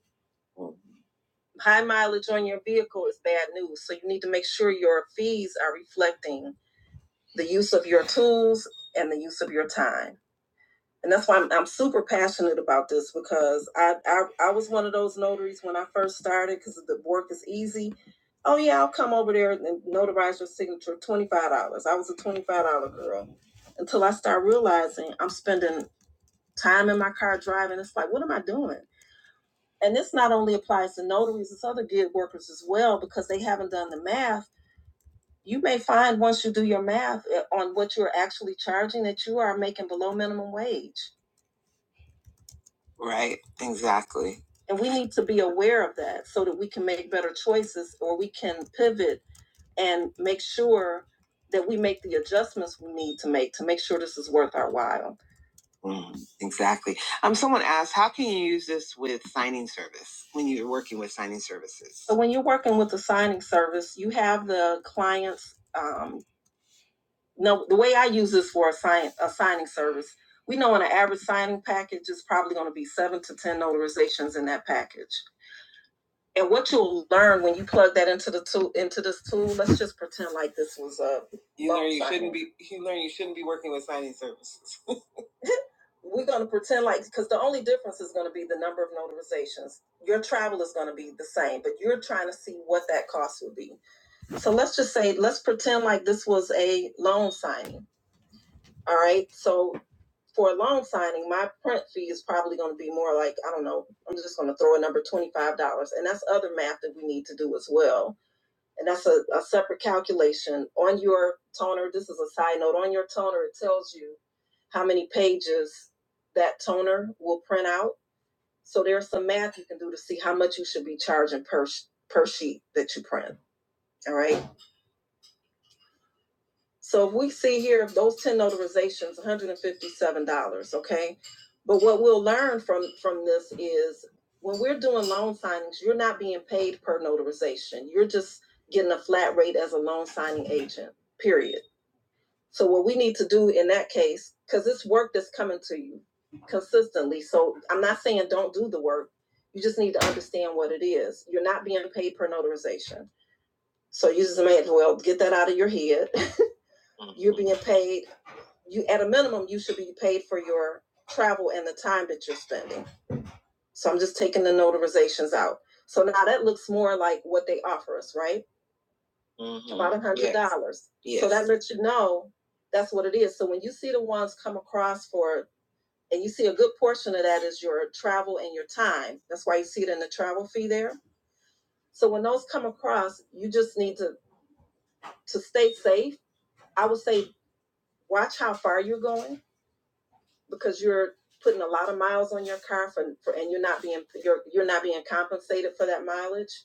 High mileage on your vehicle is bad news. So you need to make sure your fees are reflecting the use of your tools and the use of your time. And that's why I'm, I'm super passionate about this because I, I I was one of those notaries when I first started because the work is easy. Oh yeah, I'll come over there and notarize your signature. Twenty five dollars. I was a twenty five dollar girl until I start realizing I'm spending time in my car driving. It's like, what am I doing? And this not only applies to notaries, it's other gig workers as well, because they haven't done the math. You may find once you do your math uh, on what you're actually charging that you are making below minimum wage. Right, exactly. And we need to be aware of that so that we can make better choices or we can pivot and make sure that we make the adjustments we need to make to make sure this is worth our while. Mm, exactly. Um, someone asked, how can you use this with signing service when you're working with signing services? So when you're working with a signing service, you have the clients. Um, no, the way I use this for a, sign, a signing service, we know in an average signing package is probably going to be seven to ten notarizations in that package. And what you'll learn when you plug that into the tool, into this tool, let's just pretend like this was a. You learn you signing. shouldn't be. You learn you shouldn't be working with signing services. we're going to pretend like because the only difference is going to be the number of notarizations your travel is going to be the same but you're trying to see what that cost would be so let's just say let's pretend like this was a loan signing all right so for a loan signing my print fee is probably going to be more like i don't know i'm just going to throw a number $25 and that's other math that we need to do as well and that's a, a separate calculation on your toner this is a side note on your toner it tells you how many pages that toner will print out so there's some math you can do to see how much you should be charging per per sheet that you print all right So if we see here, if those ten notarizations, one hundred and fifty-seven dollars, okay? But what we'll learn from, from this is when we're doing loan signings, you're not being paid per notarization. You're just getting a flat rate as a loan signing agent, period. So what we need to do in that case, cause it's work that's coming to you consistently. So I'm not saying don't do the work. You just need to understand what it is. You're not being paid per notarization. So you just may as well get that out of your head. You're being paid you at a minimum you should be paid for your travel and the time that you're spending so i'm just taking the notarizations out so now that looks more like what they offer us right Mhm. about a hundred dollars Yes. Yes. so that lets you know that's what it is so when you see the ones come across for and you see a good portion of that is your travel and your time that's why you see it in the travel fee there so when those come across you just need to to stay safe i would say watch how far you're going because you're putting a lot of miles on your car for, for and you're not being you're you're not being compensated for that mileage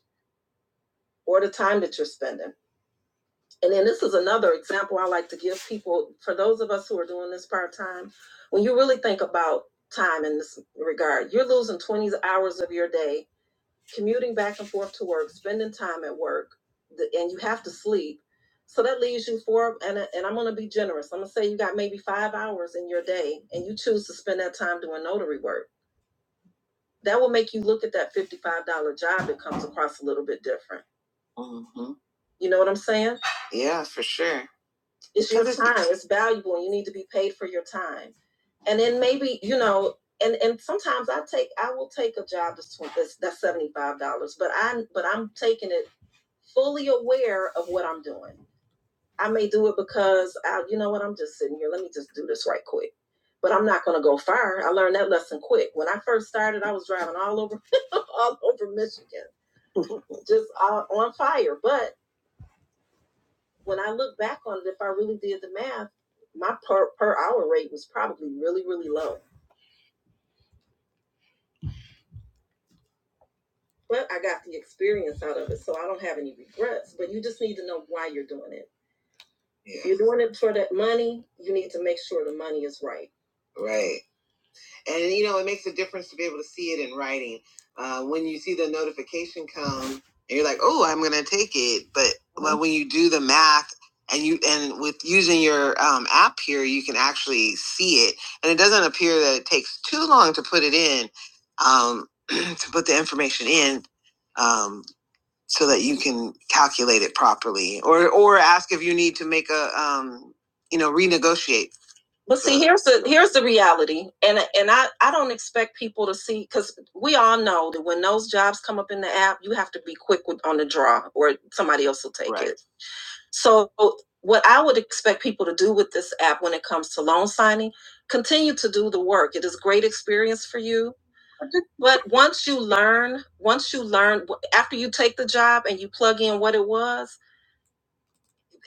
or the time that you're spending. And then this is another example I like to give people for those of us who are doing this part time. When you really think about time in this regard, you're losing 20 hours of your day commuting back and forth to work, spending time at work, and you have to sleep. So that leaves you four, and, and I'm going to be generous. I'm going to say you got maybe five hours in your day, and you choose to spend that time doing notary work that will make you look at that fifty-five dollar job. that comes across a little bit different. hmm You know what I'm saying? Yeah, for sure. It's your time. It's valuable, and you need to be paid for your time. And then maybe you know, and and sometimes I take I will take a job that's that's, that's seventy-five dollars, but I but I'm taking it fully aware of what I'm doing. I may do it because I, you know what, I'm just sitting here. Let me just do this right quick. But I'm not gonna go far. I learned that lesson quick. When I first started, I was driving all over, all over Michigan, just all, on fire. But when I look back on it, if I really did the math, my per per hour rate was probably really, really low. But I got the experience out of it, so I don't have any regrets. But you just need to know why you're doing it. Yeah. If you're doing it for that money, you need to make sure the money is right. Right and you know it makes a difference to be able to see it in writing uh, when you see the notification come and you're like oh i'm gonna take it but mm-hmm. well, when you do the math and you and with using your um, app here you can actually see it and it doesn't appear that it takes too long to put it in um, to put the information in um, so that you can calculate it properly or or ask if you need to make a um, you know renegotiate but see, here's the here's the reality, and and I I don't expect people to see because we all know that when those jobs come up in the app, you have to be quick with, on the draw, or somebody else will take Right. it. So what I would expect people to do with this app when it comes to loan signing, continue to do the work. It is a great experience for you, but once you learn, once you learn after you take the job and you plug in what it was,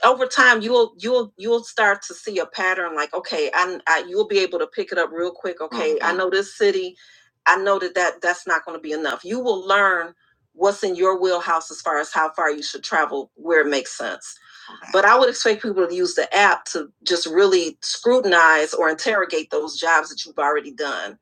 over time you'll you'll you'll start to see a pattern like okay I, I you'll be able to pick it up real quick okay mm-hmm. i Mhm. know this city i know that, that that's not going to be enough you will learn what's in your wheelhouse as far as how far you should travel where it makes sense Okay. but I would expect people to use the app to just really scrutinize or interrogate those jobs that you've already done.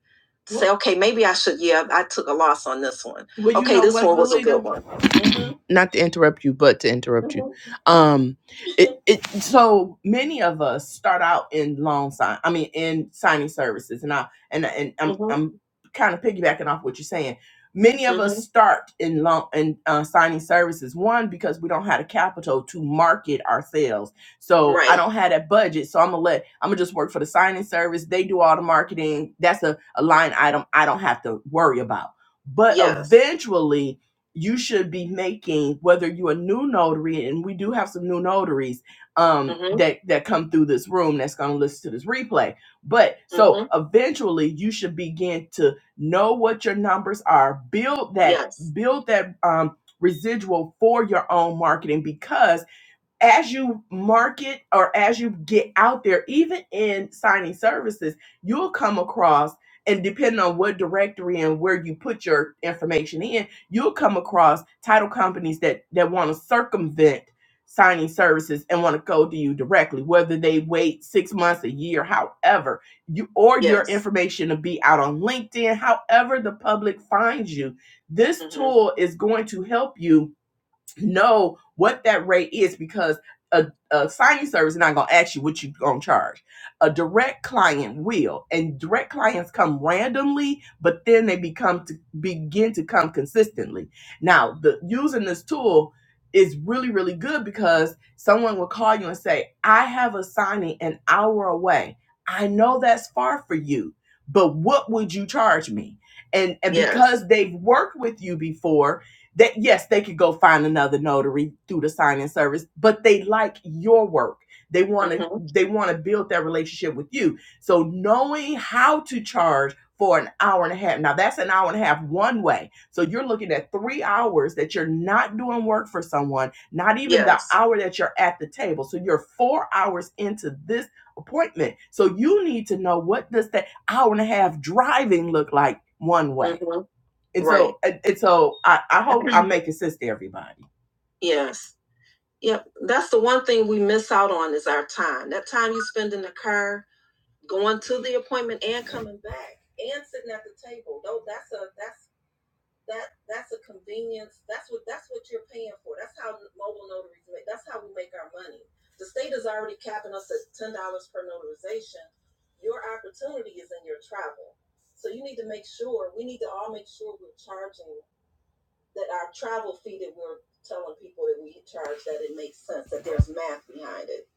To well, say, okay, maybe I should. Yeah, I took a loss on this one. Well, you okay, you know this one was a good Valita? one. Mhm. Not to interrupt you, but to interrupt mm-hmm. you. Mhm. Um, it, it so many of us start out in loan sign i mean in signing services and i and and i'm hmm i'm kind of piggybacking off what you're saying many of hmm us Mm-hmm. start in loan in uh, signing services one because we don't have the capital to market ourselves so i Right. don't have that budget so i'm gonna let i'm gonna just work for the signing service they do all the marketing that's a, a line item i don't have to worry about but Yes. eventually you should be making whether you're a new notary and we do have some new notaries um Mm-hmm. that that come through this room that's going to listen to this replay but so Mm-hmm. eventually you should begin to know what your numbers are build that Yes. build that um residual for your own marketing because as you market or as you get out there, even in signing services, you'll come across, and depending on what directory and where you put your information in, you'll come across title companies that that want to circumvent signing services and want to go to you directly whether they wait six months a year however you or your Yes. information to be out on linkedin however the public finds you this hmm tool is going to help you know what that rate is because a, a signing service is not going to ask you what you're going to charge. A direct client will, and direct clients come randomly, but then they become to begin to come consistently. Now, the using this tool is really really good because someone will call you and say, "I have a signing an hour away. I know that's far for you, but what would you charge me?" And and Yes. because they've worked with you before, that yes, they could go find another notary through the signing service, but they like your work. They want to Mhm. they want to build that relationship with you. So knowing how to charge for an hour and a half. Now that's an hour and a half one way. So you're looking at 3 hours that you're not doing work for someone, not even yes. the Yes. hour that you're at the table. So you're 4 hours into this appointment. So you need to know what does that hour and a half driving look like one way. Mm-hmm. And right. so, and, and so I, I hope I'm making sense to everybody. Yes. Yep. That's the one thing we miss out on is our time. That time you spend in the car, going to the appointment and coming back and sitting at the table. Though that's a that's that that's a convenience. That's what that's what you're paying for. That's how mobile notaries make that's how we make our money. The state is already capping us at ten dollars per notarization. Your opportunity is in your travel. So you need to make sure we need to all make sure we're charging that our travel fee that we're telling people that we charge that it makes sense that there's math behind it.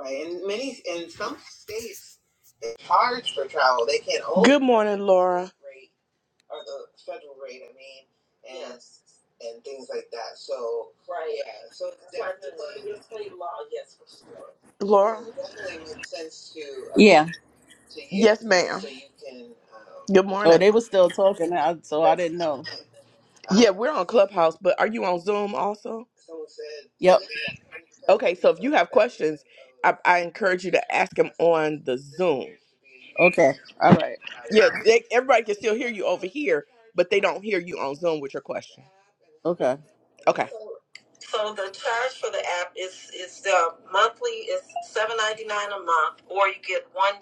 Right, and many in some states they charge for travel. They can't. own- Good morning, Laura. Rate or the federal rate, I mean, and Yes. and things like that. So right, yeah. So it's definitely it's state law, yes, for sure. Laura, It definitely makes sense to uh,
Yeah.
to you. Yes, ma'am. So you can. Um, Good
Oh,
morning.
they were still talking, I- so I didn't know.
Uh, Yeah, we're on Clubhouse, but are you on Zoom also? Someone said
Yep.
90 Okay, so if you have questions, I, I encourage you to ask them on the Zoom.
Okay. All right.
Yeah, they, everybody can still hear you over here, but they don't hear you on Zoom with your question.
Okay.
Okay.
So the charge for the app is is the monthly is seven ninety nine a month, or you get one.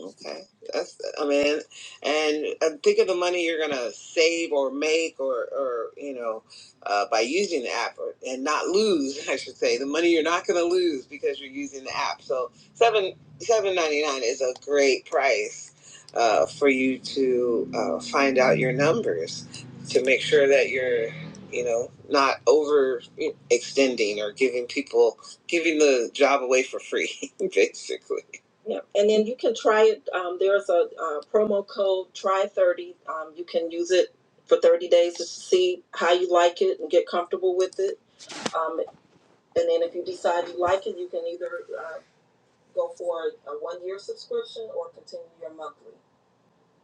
Okay, that's I mean, and uh, think of the money you're gonna save or make or or you know uh, by using the app or, and not lose. I should say the money you're not gonna lose because you're using the app. So seven seven ninety nine is a great price uh, for you to uh, find out your numbers to make sure that you're you know not over extending or giving people giving the job away for free basically. Yeah, and then you can try it. Um, there's a, uh promo code try thirty. Um, you can use it for thirty days just to see how you like it and get comfortable with it. Um, and then if you decide you like it, you can either uh, go for a one year subscription or continue your monthly.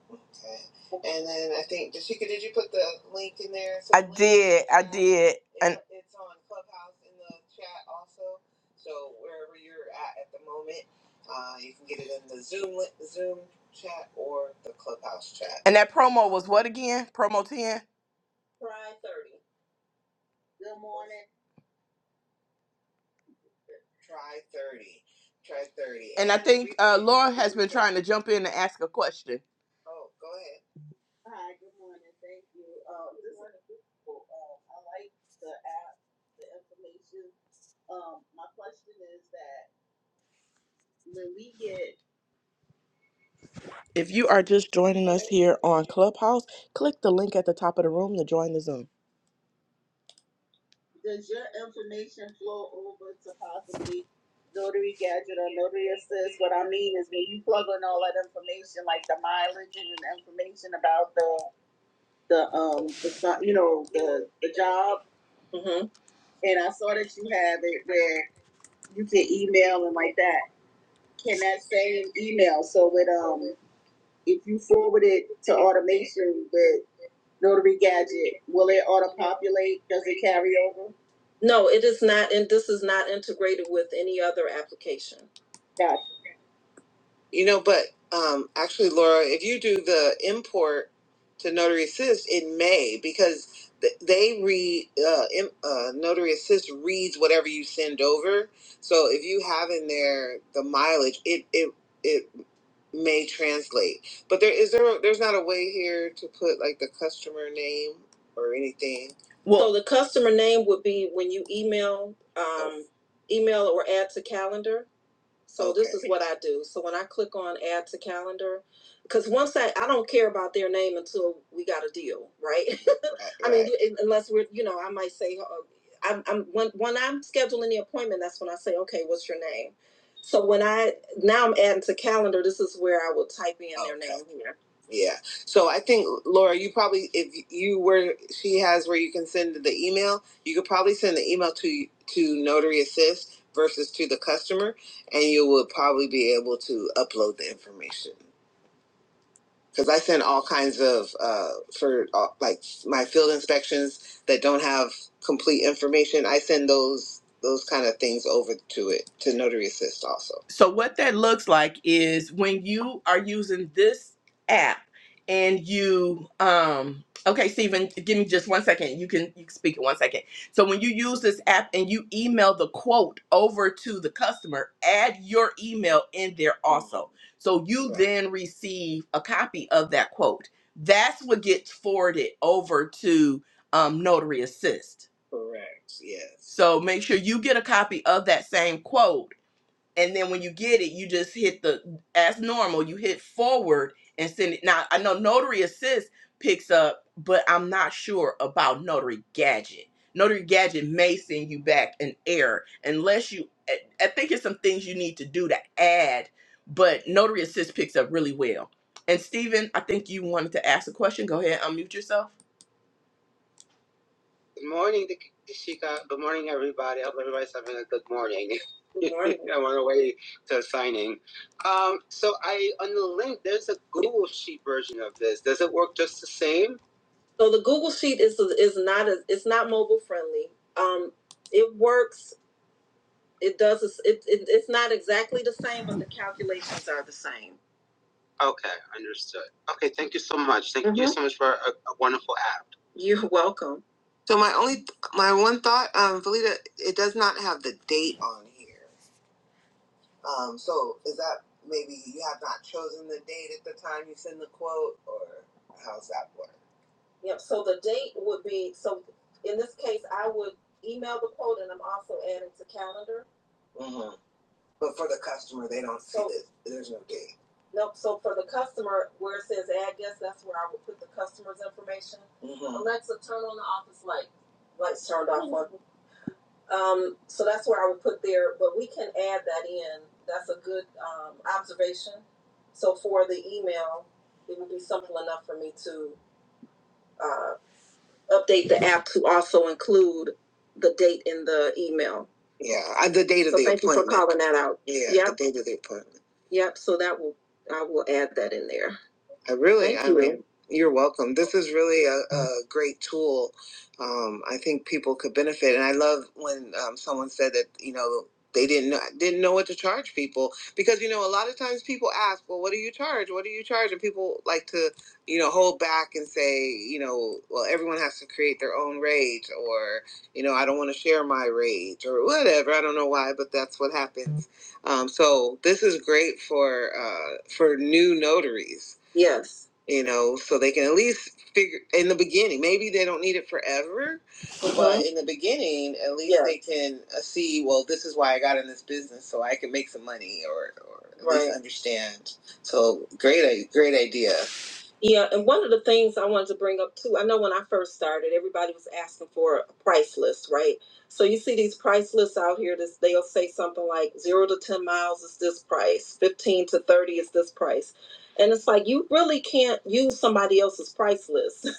Okay. And then I think did Chica, did you put the link in there? So I the link did, I now did, it's and it's on Clubhouse in the chat also. So wherever you're at at the moment, uh, you can get it in the Zoom li- Zoom chat or the Clubhouse chat. and that promo was what again? Promo ten, Try thirty. Good morning. Try thirty. Try thirty. and I And the think we, uh, Laura has been trying to jump in and ask a question. Oh, go ahead. If you are just joining us here on Clubhouse, click the link at the top of the room to join the Zoom. hmm No, it is not, and this is not integrated with any other application. You know, but um, actually, Laura, if you do the import to Notary Assist, it may because th- they read uh, im- uh, Notary Assist reads whatever you send over. So if you have in there the mileage, it it it may translate. But there is there there's not a way here to put like the customer name or anything. Well, so the customer name would be when you email um, email or add to calendar. So this is Okay. what I do. So when I click on add to calendar, because once I I don't care about their name until we got a deal, right? Right, I mean, right. you- unless we're you know I might say uh, I'm, I'm when when I'm scheduling the appointment, that's when I say okay, what's your name? So when I now I'm adding to calendar, this is where I will type in their Okay. name here. Yeah. So I think Laura, you probably if you were she has where you can send the email, you could probably send the email to to Notary Assist versus to the customer and you will probably be able to upload the information because I send all kinds of uh, for uh, like my field inspections that don't have complete information. I send those those kind of things over to it to Notary Assist also. So what that looks like is when you are using this app and you um okay Stephen give me just one second you can you can speak in one second so when you use this app and you email the quote over to the customer add your email in there also so you Right. then receive a copy of that quote. That's what gets forwarded over to um, Notary Assist. Correct. Yes. So make sure you get a copy of that same quote and then when you get it, you just hit the as normal. You hit forward and send it. Now I know Notary Assist picks up, but I'm not sure about Notary Gadget. Notary Gadget may send you back an error unless you. I I think it's some things you need to do to add, but Notary Assist picks up really well. And Steven, I think you wanted to ask a question. Go ahead, unmute yourself. Good morning, Dick- Dishika. Good morning, everybody. I hope everybody's having a good morning. Good morning. I'm on the way to signing. Um, so I on the link, there's a Google Sheet version of this. Does it work just the same? So the Google Sheet is is not a, it's not mobile friendly. Um, it works. It does. It, it it's not exactly the same, but the calculations are the same. Okay, understood. Okay, thank you so much. Thank mm-hmm. you Mhm. so much for a, a wonderful app. You're welcome. So my only, my one thought, um, Valita, it does not have the date on here. Um, so is that maybe you have not chosen the date at the time you send the quote, or how's that work? Yep, so the date would be, so in this case, I would email the quote and I'm also adding to calendar. hmm but for the customer, they don't so, see it. There's no gate. Nope, so for the customer, where it says add guest, that's where I would put the customer's information. hmm Alexa, turn on the office light. Lights turned off. Um, so that's where I would put there, but we can add that in. That's a good um, observation. So for the email, it would be simple enough for me to uh, update the app to also include the date in the email. Yeah, uh, the date of So the thank appointment. Thank you for calling that out. Yeah, yep. the Yep, date of the appointment. yep, so that will, I will add that in there. I really, Thank I you. mean, you're welcome. This is really a, a great tool. Um, I think people could benefit, and I love when um, someone said that you know they didn't know, didn't know what to charge people because you know a lot of times people ask, well, what do you charge? What do you charge? And people like to you know, hold back and say, you know, well, everyone has to create their own rage, or you know, I don't want to share my rage, or whatever. I don't know why, but that's what happens. Um, so this is great for uh, for new notaries. Yes. You know, so they can at least figure in the beginning. Maybe they don't need it forever, but Mhm. in the beginning, at least Yeah. they can uh, see. Well, this is why I got in this business, so I can make some money, or or at right. least Right. understand. So great, great idea. Yeah, and one of the things I wanted to bring up too, I know when I first started, everybody was asking for a price list, right? So you see these price lists out here, this they'll say something like zero to ten miles is this price, fifteen to thirty is this price. And it's like you really can't use somebody else's price list.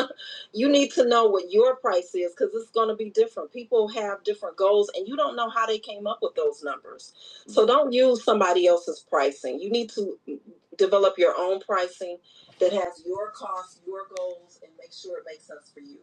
you need to know what your price is because it's going to be different. People have different goals and you don't know how they came up with those numbers. So don't use somebody else's pricing. You need to mm, develop your own pricing that has your costs, your goals, and make sure it makes sense for you.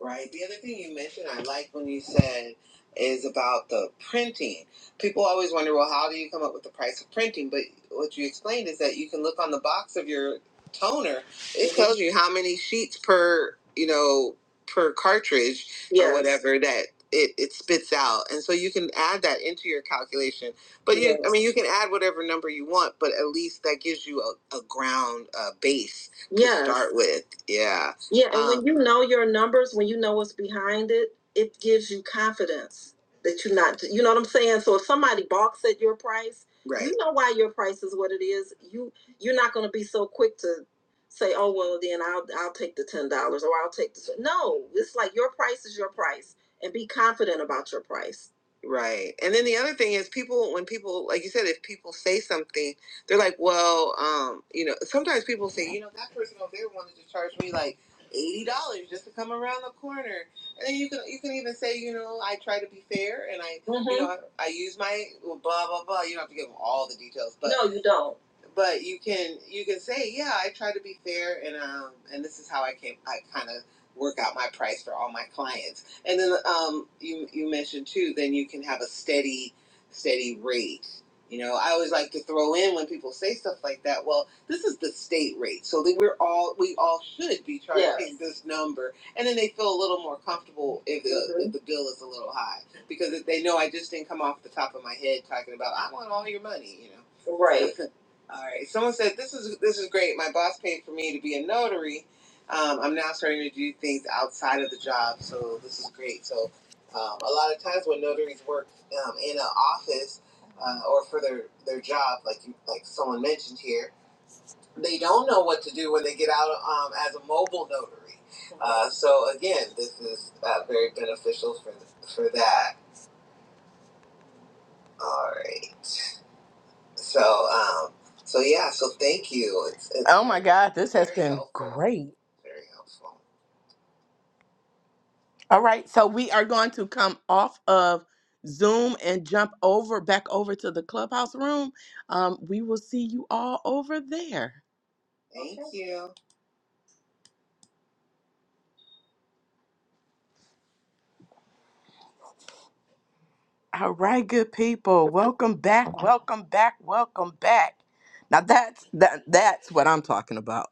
Right. The other thing you mentioned, I like when you said, is about the printing. People always wonder, well, how do you come up with the price of printing? But what you explained is that you can look on the box of your toner. It Mhm. tells you how many sheets per, you know, per cartridge or Yes. whatever that it, it spits out. And so you can add that into your calculation. But you, I Yes. mean, Yes. you can add whatever number you want, but at least that gives you a, a ground, a base to Yes. start with. Yeah. Yeah, and um, when Um, you know your numbers, when you know what's behind it, it gives you confidence that you're not, you know what I'm saying? So if somebody balks at your price, right. you Right. know why your price is what it is. You you're not going to be so quick to say, "Oh, well, then I'll I'll take the $10 or I'll take this." No, it's like your price is your price and be confident about your price. Right. And then the other thing is people when people like you said if people say something, they're like, "Well, um, you know, sometimes people say, you know, that person over there wanted to charge me like eighty dollars just to come around the corner. And then you can you can even say, you know, I try to be fair and I mm-hmm. you Mhm. know I, use my well, blah blah blah. You don't have to give them all the details, but no, you don't. But you can you can say, yeah, I try to be fair and um and this is how I came I kind of work out my price for all my clients. And then um you you mentioned too, then you can have a steady steady rate you know, I always like to throw in when people say stuff like that. Well, this is the state rate, so that we're all we all should be charging Yes. this number, and then they feel a little more comfortable if the, mm-hmm. if the bill is a little high because if they know I just didn't come off the top of my head talking about I want all your money, you know. Right. all right. Someone said this is this is great. My boss paid for me to be a notary. Um, I'm now starting to do things outside of the job, so this is great. So um, a lot of times when notaries work um, in an office uh, or for their their job, like you like someone mentioned here, they don't know what to do when they get out um, as a mobile notary. Uh, so again, this is uh, very beneficial for for that. All right. So um, so yeah. So thank you. It's, it's Oh my God, this has very been helpful. great. Very helpful. All right, so we are going to come off of Zoom and jump over back over to the clubhouse room. Um, we will see you all over there. All right, good people. Welcome back. Welcome back. Welcome back. Now that's that that's what I'm talking about.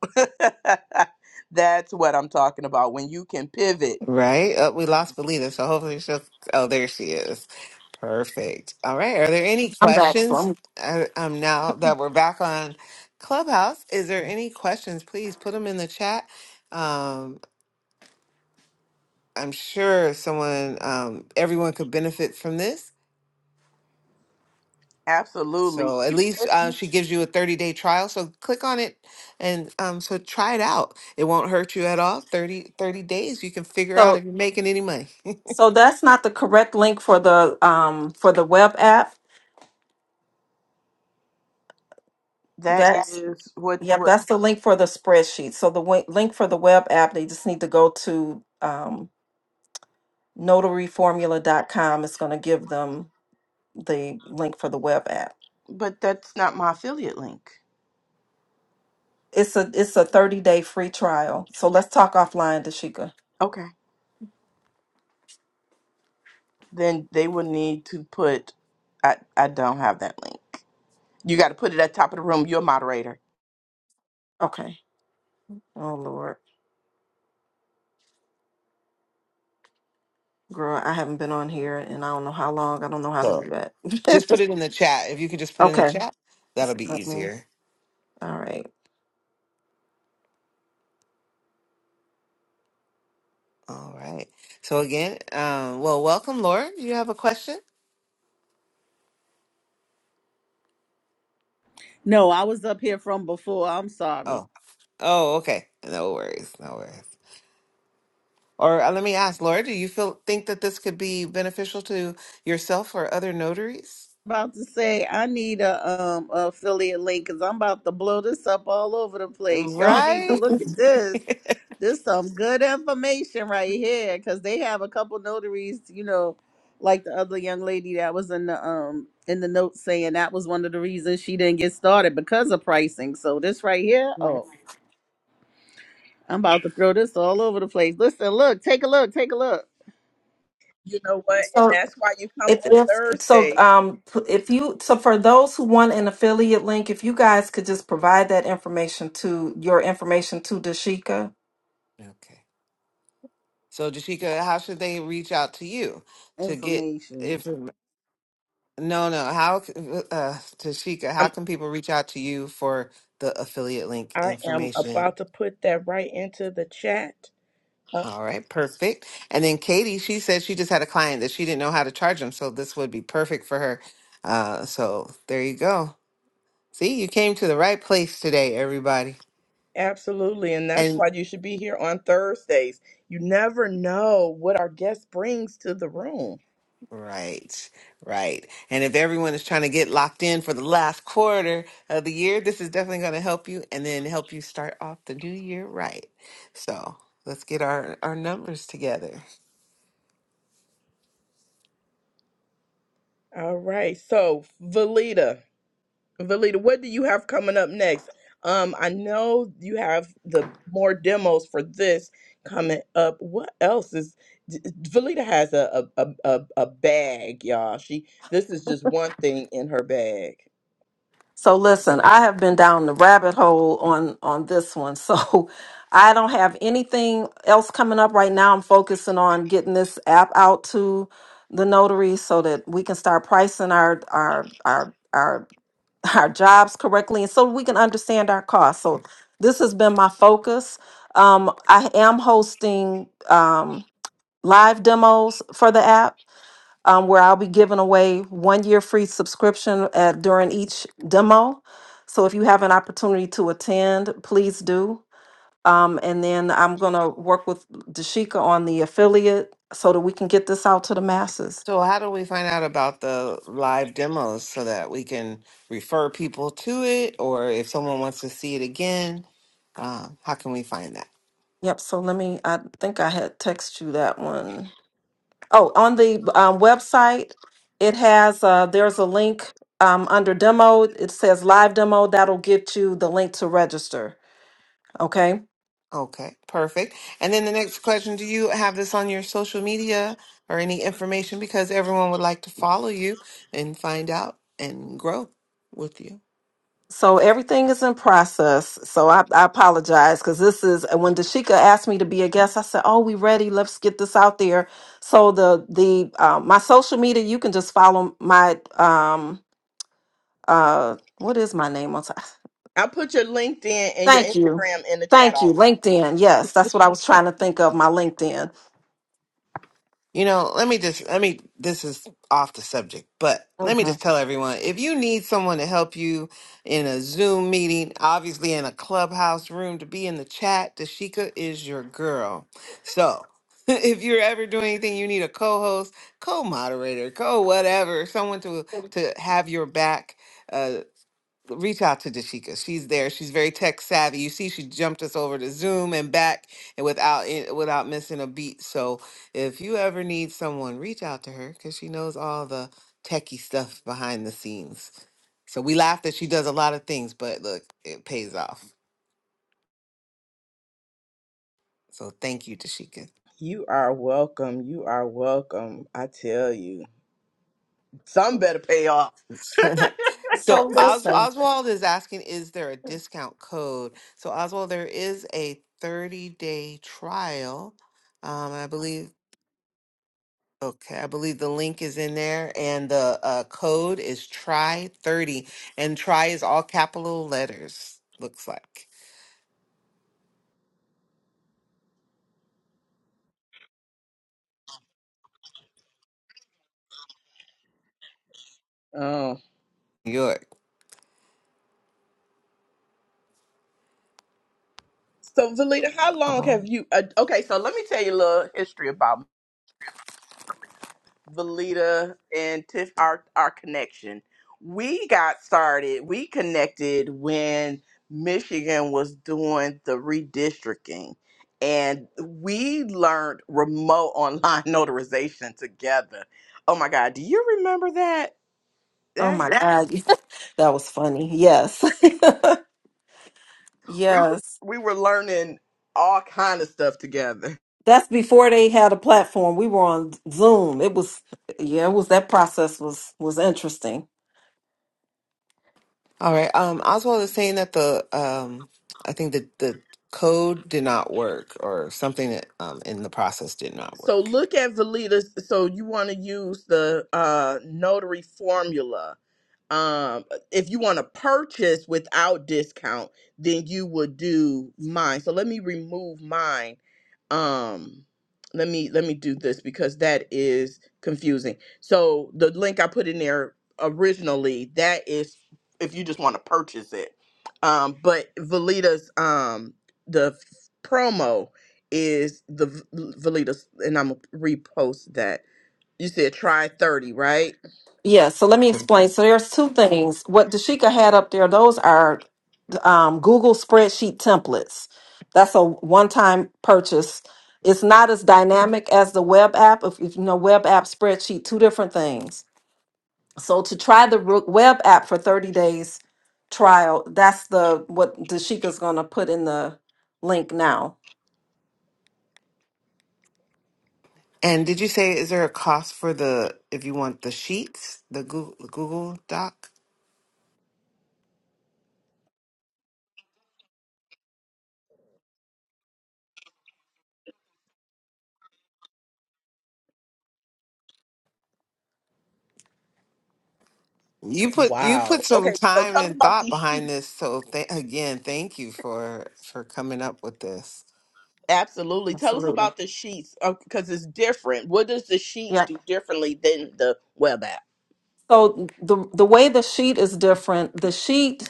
that's what I'm talking about. When you can pivot.
Right? Oh, we lost Belita, so hopefully she'll. Oh, there she is. Perfect. All right. Are there any
I'm back. So
questions?
I'm-
I, um, now that we're back on Clubhouse, is there any questions? Please put them in the chat. Um, I'm sure someone, um, everyone could benefit from this.
Absolutely.
So at
Even
least
if
uh,
you
she gives you a 30 day trial. So click on it and um, so try it out. It won't hurt you at all. 30 30 days, you can figure out
so
if you're making any money.
so that's not the correct link for the um for the web app.
that
That's
is what
yep,
what
that's the link for the spreadsheet. So the wi- link for the web app, they just need to go to um notaryformula.com. It's going to give them the link for the web app.
but that's not my affiliate link.
It's a it's a 30-day free trial. So let's talk offline, Dashika.
Okay. Then they will need to put I I don't have that link. You gotta put it at top of the room. You're a moderator.
Okay. Oh Lord. Girl, I haven't been on here and I don't know how long. I don't know how to
So
do
just put
that.
it in the chat. If you could just put it in the chat, that'll be
okay.
easier.
All right.
All right. So again, um, well, welcome, Laura. Do you have a question?
No, I was up here from before. I'm sorry.
Oh, oh, okay. No worries, no worries. Or uh, let me ask, Laura, do you feel think that this could be beneficial to yourself or other notaries?
About to say I need a um affiliate link because I'm about to blow this up all over the place. Y'all need to
Right.
look at this. This some good information right here, because they have a couple notaries, you know, like the other young lady that was in the um in the note saying that was one of the reasons she didn't get started because of pricing. So this right here,
Right.
oh, I'm about to throw this all over the place. Listen, look, take a look, take a look.
You know what? And
So
that's why you come
if
on
if so
Thursdays.
um p- if you so for those who want an affiliate link, if you guys could just provide that information to your information to Dashika.
Okay. So, Jashika, how should they reach out to you to get
Information.
if no, no, how c- uh Tashika, how
I'm,
can people reach out to you for the affiliate link
I am
information?
about to put that right into the chat.
All right, perfect. And then Katie, she said she just had a client that she didn't know how to charge them, so this would be perfect for her. Uh so there you go. See, you came to the right place today, everybody.
Absolutely. And that's why you should be here on Thursdays. You never know what our guest brings to the room.
Right, right. And if everyone is trying to get locked in for the last quarter of the year, this is definitely going to help you and then help you start off the new year right. So let's get our, our numbers together.
All right. So, Valita, Valita, what do you have coming up next? Um, I know you have the more demos for this coming up. What else is D- Valita has a a, a, a a bag, y'all. She this is just one thing in her bag.
So listen, I have been down the rabbit hole on on this one. So I don't have anything else coming up right now. I'm focusing on getting this app out to the notary so that we can start pricing our our our our our jobs correctly and so we can understand our costs. So this has been my focus. Um, I am hosting um, live demos for the app um, where I'll be giving away one year free subscription at, during each demo. So if you have an opportunity to attend, please do. Um, and then I'm going to work with Dashika on the affiliate so that we can get this out to the masses.
So, how do we find out about the live demos so that we can refer people to it? Or if someone wants to see it again, um, how can we find that?
Yep. So let me, I think I had text you that one. Oh, on the um, website, it has uh, there's a link um, under demo. It says live demo. That'll get you the link to register. Okay.
Okay, perfect. And then the next question, do you have this on your social media or any information? Because everyone would like to follow you and find out and grow with you.
So everything is in process. So I, I apologize because this is uh, when Dashika asked me to be a guest. I said, "Oh, we ready? Let's get this out there." So the the uh, my social media, you can just follow my um uh what is my name on? top? Thank you, thank you, LinkedIn. Yes, that's what I was trying to think of. My LinkedIn.
You know, let me just let me this is off the subject, but let me
Mm-hmm.
just tell everyone if you need someone to help you in a Zoom meeting, obviously in a clubhouse room to be in the chat, Dashika is your girl. So if you're ever doing anything you need a co-host, co-moderator, co-whatever, someone to to have your back. uh, reach out to Dashika. She's there. She's very tech savvy. You see, she jumped us over to Zoom and back, and without it, without missing a beat. So if you ever need someone, reach out to her because she knows all the techie stuff behind the scenes. So we laugh that she does a lot of things, but look, it pays off. So thank you, Dashika.
You are welcome. You are welcome. I tell you. Some better pay off.
So
so Os-
listen.
Oswald is asking, is there a discount code? So Oswald, there is a 30 day trial. Um, I believe Okay, I believe the link is in there and the uh, code is try 30 and try is all capital letters looks like.
Oh.
New York.
So, Valita, how long
Uh-huh.
have you? Uh, okay, so let me tell you a little history about Valita and Tiff. Our our connection. We got started. We connected when Michigan was doing the redistricting, and we learned remote online notarization together. Oh my God, do you remember that?
Oh
That
my God. that was funny. Yes.
we were
yes.
we were learning all kind of stuff together.
That's before they had a platform. We were on Zoom. It was yeah, it was that process was was interesting.
right. Um Oswald is saying that the um I think that the code did not work or something that um in the process did not
So
work.
look at Valita. So you want to use the uh, notary formula. Um, if you want to purchase without discount, then you would do mine. So let me remove mine. Um, let me let me do this because that is confusing. So the link I put in there originally that is if you just want to purchase it. Um, but Valita's um the f- promo is the v- Velitas, and I'm gonna repost that. You said try 30, right?
Yeah, so let me explain. So there's two things. What Dashika had up there, those are um, Google spreadsheet templates. That's a one-time purchase. It's not as dynamic as the web app. If, if you know web app spreadsheet, two different things So to try the Rook web app for 30 days trial, that's the what Dashika's gonna put in the link now.
And did you say is there a cost for the if you want the sheets, the Google, Google Doc? You put you put
Wow.
some
Okay, so
time
tell us
and
about
thought
these
behind
sheets.
this, so th- again, thank you for for coming up with this.
Absolutely. Tell us
Absolutely.
about the sheets because it's different. What does the sheet
Yeah.
do differently than the web app?
So the the way the sheet is different, the sheet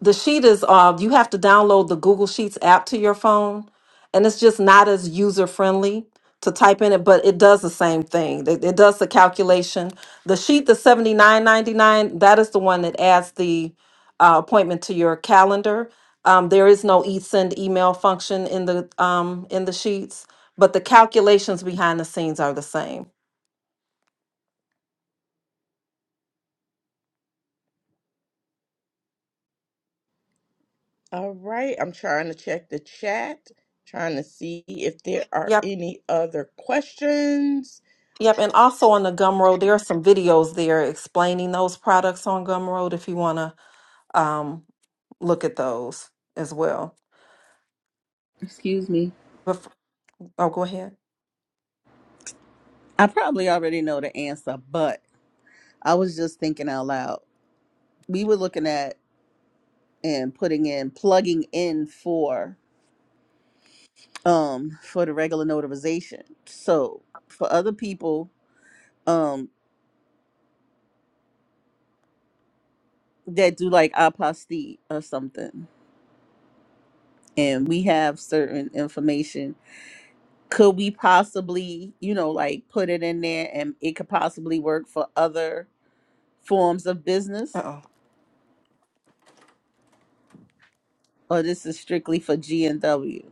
the sheet is uh you have to download the Google Sheets app to your phone and it's just not as user friendly to type in it but it does the same thing it, it does the calculation the sheet the 79.99 that is the one that adds the uh, appointment to your calendar um, there is no e send email function in the um, in the sheets but the calculations behind the scenes are the same
All right, I'm trying to check the chat, trying to see if there are
yep
any other questions.
yep and also on the gumroad there are some videos there explaining those products on gumroad if you want to um, look at those as well.
Excuse me.
But f- oh, go ahead.
I probably already know the answer, but I was just thinking out loud. We were looking at and putting in plugging in for um for the regular notarization. So for other people um that do like apostille or something and we have certain information, could we possibly, you know, like put it in there and it could possibly work for other forms of business?
Uh-oh.
Or this is strictly for G and W?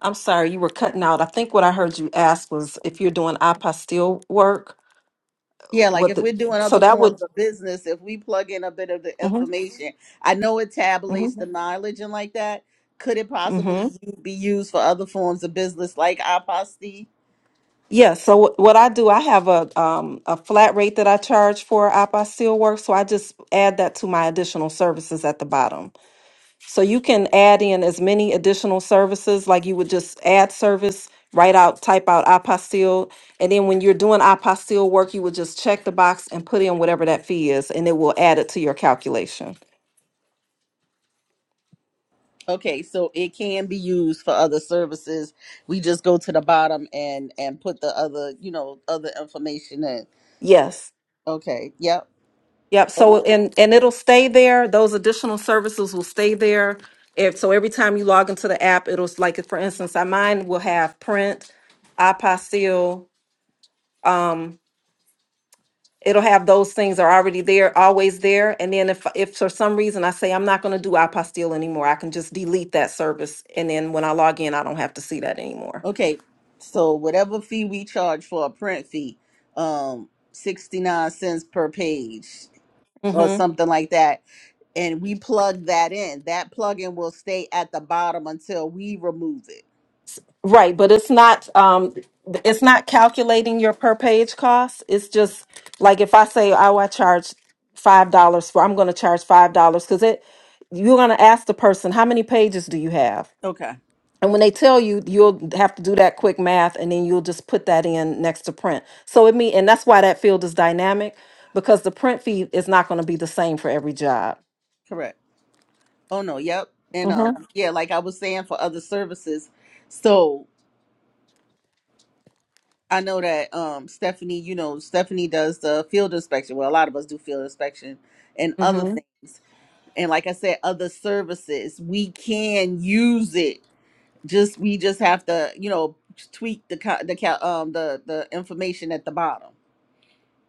I'm sorry, you were cutting out. I think what I heard you ask was if you're doing apostille work,
Yeah, like
what
if
the
we're doing
so
other
that would.
forms of business, if we plug in a bit of the
hmm
information, I know it
hmm
tabulates the mileage and like that. Could it possibly
hmm
be used for other forms of business like iPosty?
Yeah. So what what I do, I have a um a flat rate that I charge for apostille work, so I just add that to my additional services at the bottom. So you can add in as many additional services, like you would just add service, write out, type out apostille. And then when you're doing apostille work, you would just check the box and put in whatever that fee is, and it will add it to your calculation.
Okay, so it can be used for other services. We just go to the bottom and and put the other, you know, other information in.
Yes.
Okay, yep.
Yep. So
Oh,
and and it'll stay there. Those additional services will stay there. If so every time you log into the app, it'll like for instance, I mine will have print, apostille, it'll have those things are already there, always there. And then if if for some reason I say I'm not going to do apostille anymore, I can just delete that service, and then when I log in, I don't have to see that anymore.
okay. So whatever fee we charge for a print fee, um, 69 cents per page or
hmm
something like that and we plug that in that plugin will stay at the bottom until we remove it
Right, but it's not um it's not calculating your per page cost. It's just like if I say oh I charge five dollars for I'm going to charge five dollars because it you're going to ask the person how many pages do you have
okay
And when they tell you, you'll have to do that quick math and then you'll just put that in next to print. So it mean, and that's why that field is dynamic because the print feed is not going to be the same for every job.
correct oh no yep and um yeah like i was saying for other services so i know that um stephanie you know stephanie does the field inspection well a lot of us do field inspection and other
Mm-hmm.
things and like i said other services we can use it Just we just have to, you know, tweak the co- the ca- um the the information at the bottom.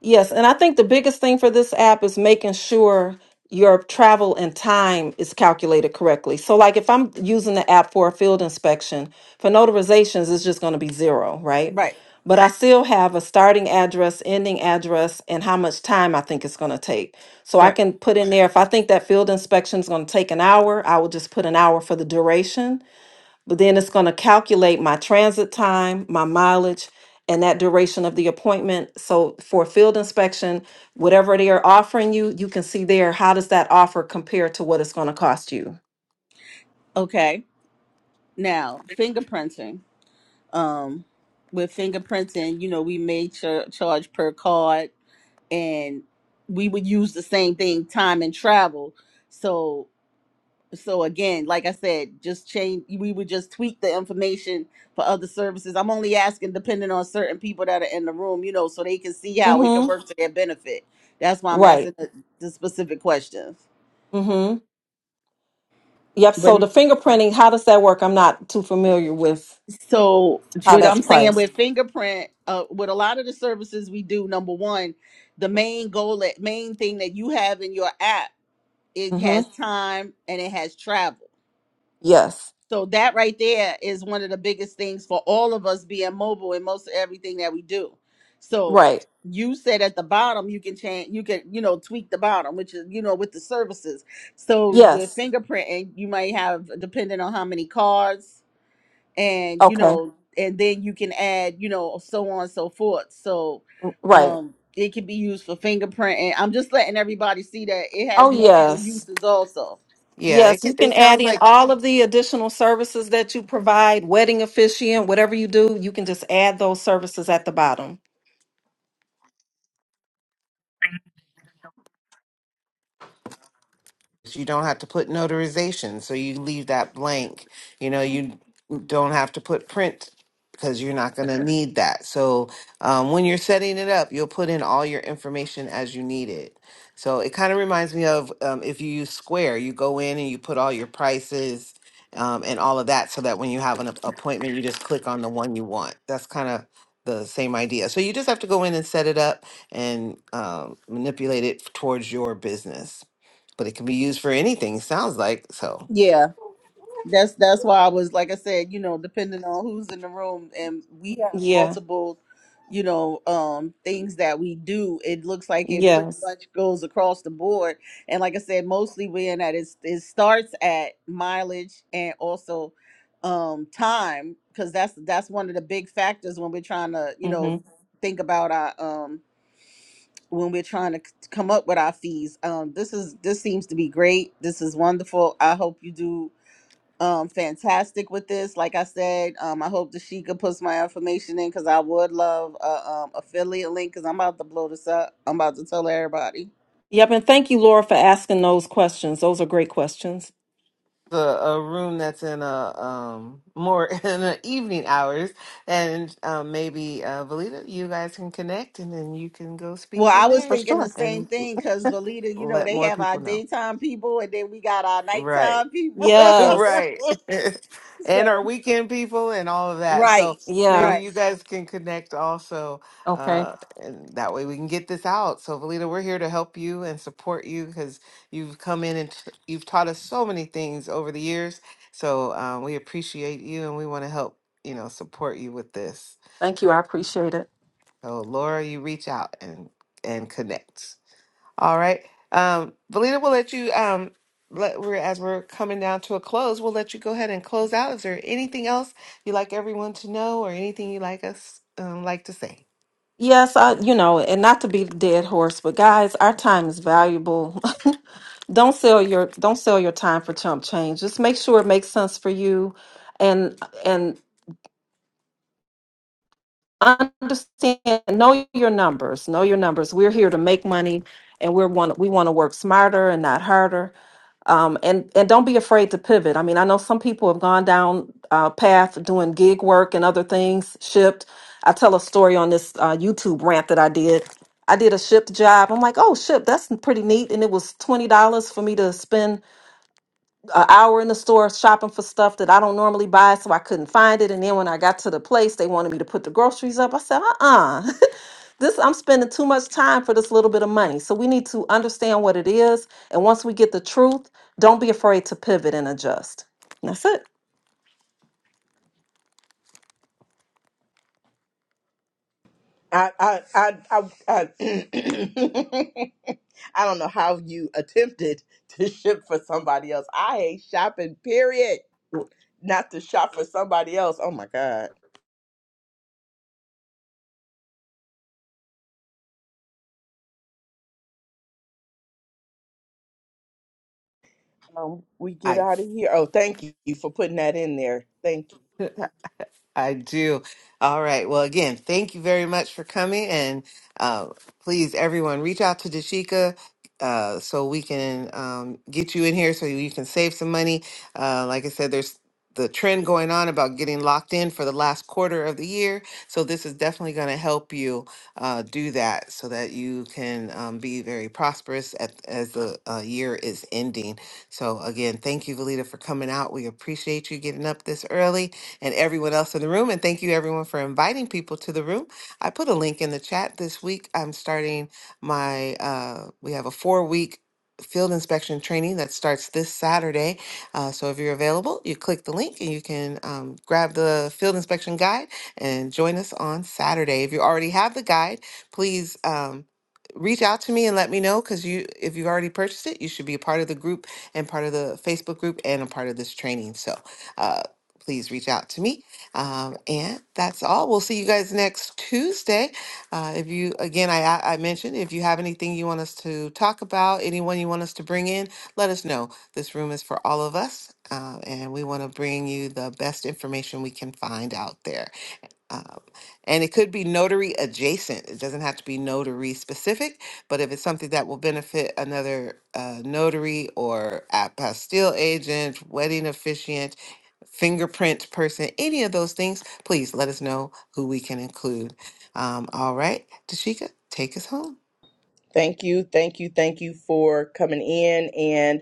Yes, and I think the biggest thing for this app is making sure your travel and time is calculated correctly. So, like if I'm using the app for a field inspection, for notarizations, it's just going to be zero, right?
Right.
But I still have a starting address, ending address, and how much time I think it's going to take. So I
Right.
can put in there if I think that field inspection is going to take an hour, I will just put an hour for the duration but then it's going to calculate my transit time, my mileage, and that duration of the appointment. So for field inspection, whatever they are offering you, you can see there how does that offer compare to what it's going to cost you.
Okay. Now, fingerprinting. Um, with fingerprinting, you know, we may ch- charge per card, and we would use the same thing time and travel. So so again like i said just change we would just tweak the information for other services i'm only asking depending on certain people that are in the room you know so they can see how it can
Mm-hmm.
work to their benefit that's why i'm asking
Right.
the, the specific questions
Mm-hmm. Yep.
but
So the fingerprinting, how does that work? I'm not too familiar with
so
how
what
that's
i'm saying with
priced.
fingerprint uh, with a lot of the services we do number one the main goal that main thing that you have in your app it has
Mm-hmm.
time and it has travel
Yes.
So that right there is one of the biggest things for all of us being mobile in most everything that we do. So
Right.
you said at the bottom you can change you can you know tweak the bottom which is you know with the services so with
Yes.
fingerprinting you might have depending on how many cards and you
Okay.
know and then you can add you know so on and so forth so
Right.
um it can be used for fingerprinting i'm just letting everybody see that it
Oh
has
Yeah,
multiple
yes.
uses also
yeah. It
Yes, you can
it
add
sounds
in
like
all of the additional services that you provide, wedding officiant, whatever you do, you can just add those services at the bottom.
You don't have to put notarization, so you leave that blank. You know, you don't have to put print because you're not going to need that. So um, when you're setting it up, you'll put in all your information as you need it. So it kind of reminds me of um, if you use Square, you go in and you put all your prices um, and all of that, so that when you have an ap- appointment, you just click on the one you want. That's kind of the same idea. So you just have to go in and set it up and um, manipulate it towards your business but it can be used for anything. Sounds like so.
yeah That's that's why I was like I said, you know, depending on who's in the room and we have
Yeah,
multiple, you know, um things that we do, it looks like it pretty
yes.
much goes across the board. And like I said, mostly we're in that it's, it starts at mileage and also um time because that's that's one of the big factors when we're trying to, you
hmm
know, think about our um when we're trying to c- come up with our fees. Um this is this seems to be great. This is wonderful. I hope you do um fantastic with this like i said um i hope that she sheikah put my information in because i would love a um, affiliate link because i'm about to blow this up i'm about to tell everybody
Yep, and thank you, Laura, for asking those questions. Those are great questions.
The a room that's in a um more in the evening hours, and um, maybe uh, Valita, you guys can connect, and then you can go
well
speak
i
in
Oh,
was
for
there
thinking the
sure.
same
and
thing because valita you know
let
they
more
have our
people know.
daytime people and then we got our
Right.
nighttime people
Yes,
Right. and our
so
weekend people and all of that. So
right
yeah.
maybe
right
you guys can connect also.
Okay,
Uh, and that way we can get this out. So, Valita, we're here to help you and support you because you've come in and t- you've taught us so many things over the years. So, um, we appreciate you and we want to help, you know, support you with this.
thank you. I appreciate it.
So, Laura, you reach out and and connect. All right. Um, Valina, we'll let you um let we're as we're coming down to a close, we'll let you go ahead and close out. Is there anything else you'd like everyone to know or anything you'd like us um like to say?
Yes, I, you know, and not to be the dead horse, but guys, our time is valuable. don't sell your don't sell your time for chump change. Just make sure it makes sense for you and and understand know your numbers know your numbers we're here to make money and we're want we want to work smarter and not harder um, and and don't be afraid to pivot i mean i know some people have gone down uh, path doing gig work and other things shipped i tell a story on this uh, youtube rant that i did i did a shipped job i'm like oh ship that's pretty neat and it was $20 for me to spend an hour in the store shopping for stuff that I don't normally buy, so I couldn't find it. And then when I got to the place, they wanted me to put the groceries up. I said, uh-uh, this I'm spending too much time for this little bit of money. So we need to understand what it is. And once we get the truth, don't be afraid to pivot and adjust. And that's it.
I I I I I, I don't know how you attempted to ship for somebody else. I hate shopping, period. Not to shop for somebody else. Oh my God. Um, we get
I
out of here. Oh, thank you for putting that in there. Thank you.
I do. All right. Well, again, thank you very much for coming. And uh, please, everyone, reach out to Dashika uh, so we can um, get you in here so you can save some money. Uh, like I said, there's the trend going on about getting locked in for the last quarter of the year. So, this is definitely going to help you uh, do that so that you can um, be very prosperous at, as the uh, year is ending. So, again, thank you, Valita, for coming out. We appreciate you getting up this early and everyone else in the room. And thank you, everyone, for inviting people to the room. I put a link in the chat this week. I'm starting my, uh, we have a four week field inspection training that starts this Saturday. Uh, so if you're available, you click the link and you can um, grab the field inspection guide and join us on Saturday. If you already have the guide, please um, reach out to me and let me know because you if you already purchased it you should be a part of the group and part of the facebook group and a part of this training so uh, please reach out to me. Um, and that's all. We'll see you guys next Tuesday. Uh, if you, again, I, I I mentioned, if you have anything you want us to talk about, anyone you want us to bring in, let us know. This room is for all of us, uh, and we want to bring you the best information we can find out there. Um, and it could be notary adjacent. It doesn't have to be notary specific, but if it's something that will benefit another uh, notary or apostille agent, wedding officiant, fingerprint person, any of those things, please let us know who we can include. Um, all right, Tashika, take us home.
Thank you. Thank you. Thank you for coming in.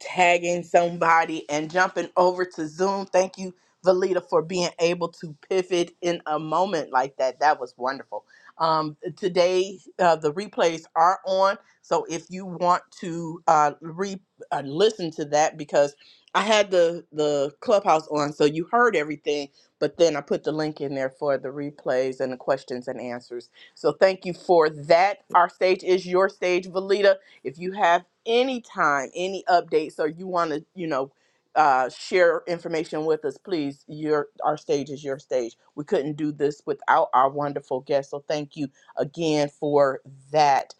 tagging somebody and jumping over to Zoom. Thank you, Valita, for being able to pivot in a moment like that. That was wonderful. Um, today, uh, the replays are on. So if you want to uh, re uh, listen to that, because I had the, the clubhouse on, so you heard everything, but then I put the link in there for the replays and the questions and answers. So thank you for that. Our stage is your stage, Valita. If you have any time, any updates, or you want to, you know, uh, share information with us, please. Your our stage is your stage. We couldn't do this without our wonderful guest, so thank you again for that.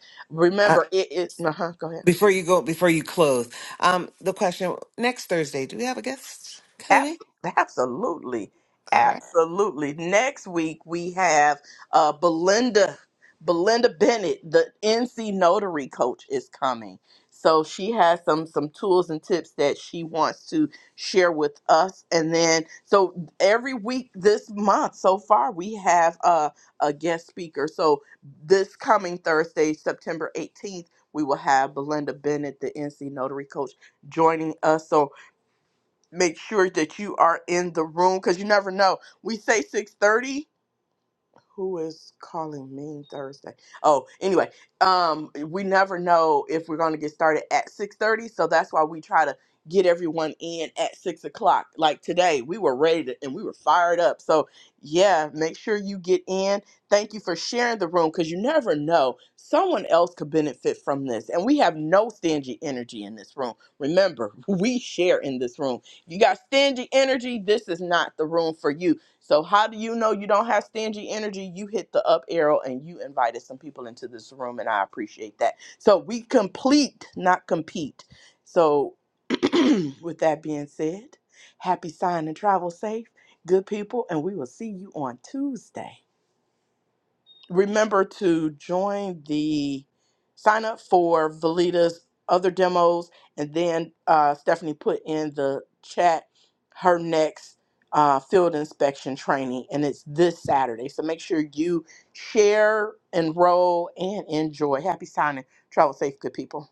Uh,
Remember, it is. Uh-huh, go ahead.
before you go, before you close, um, the question next Thursday, do we have a guest
Ab-
coming?
Absolutely.
All right.
Absolutely. Next week we have uh, Belinda Belinda Bennett, the NC Notary coach is coming. So she has some some tools and tips that she wants to share with us. And then so every week this month so far we have uh, a guest speaker. So this coming Thursday, September 18th, we will have Belinda Bennett, the NC Notary coach joining us. So make sure that you are in the room because you never know. We say 6:30 who is calling me Thursday? Oh, anyway, um, we never know if we're going to get started at six thirty, so that's why we try to get everyone in at six o'clock. Like today, we were ready to, and we were fired up. So yeah, make sure you get in. Thank you for sharing the room because you never know someone else could benefit from this, and we have no stingy energy in this room. Remember, we share in this room. You got stingy energy. This is not the room for you so how do you know you don't have stingy energy? You hit the up arrow and you invited some people into this room and I appreciate that. So we complete, not compete. So with that being said, happy sign and travel safe, good people, and we will see you on Tuesday remember to join the sign up for Valita's other demos, and then uh, Stephanie put in the chat her next uh, field inspection training, and it's this Saturday. So make sure you share, enroll, and enjoy. Happy signing. Travel safe, good people.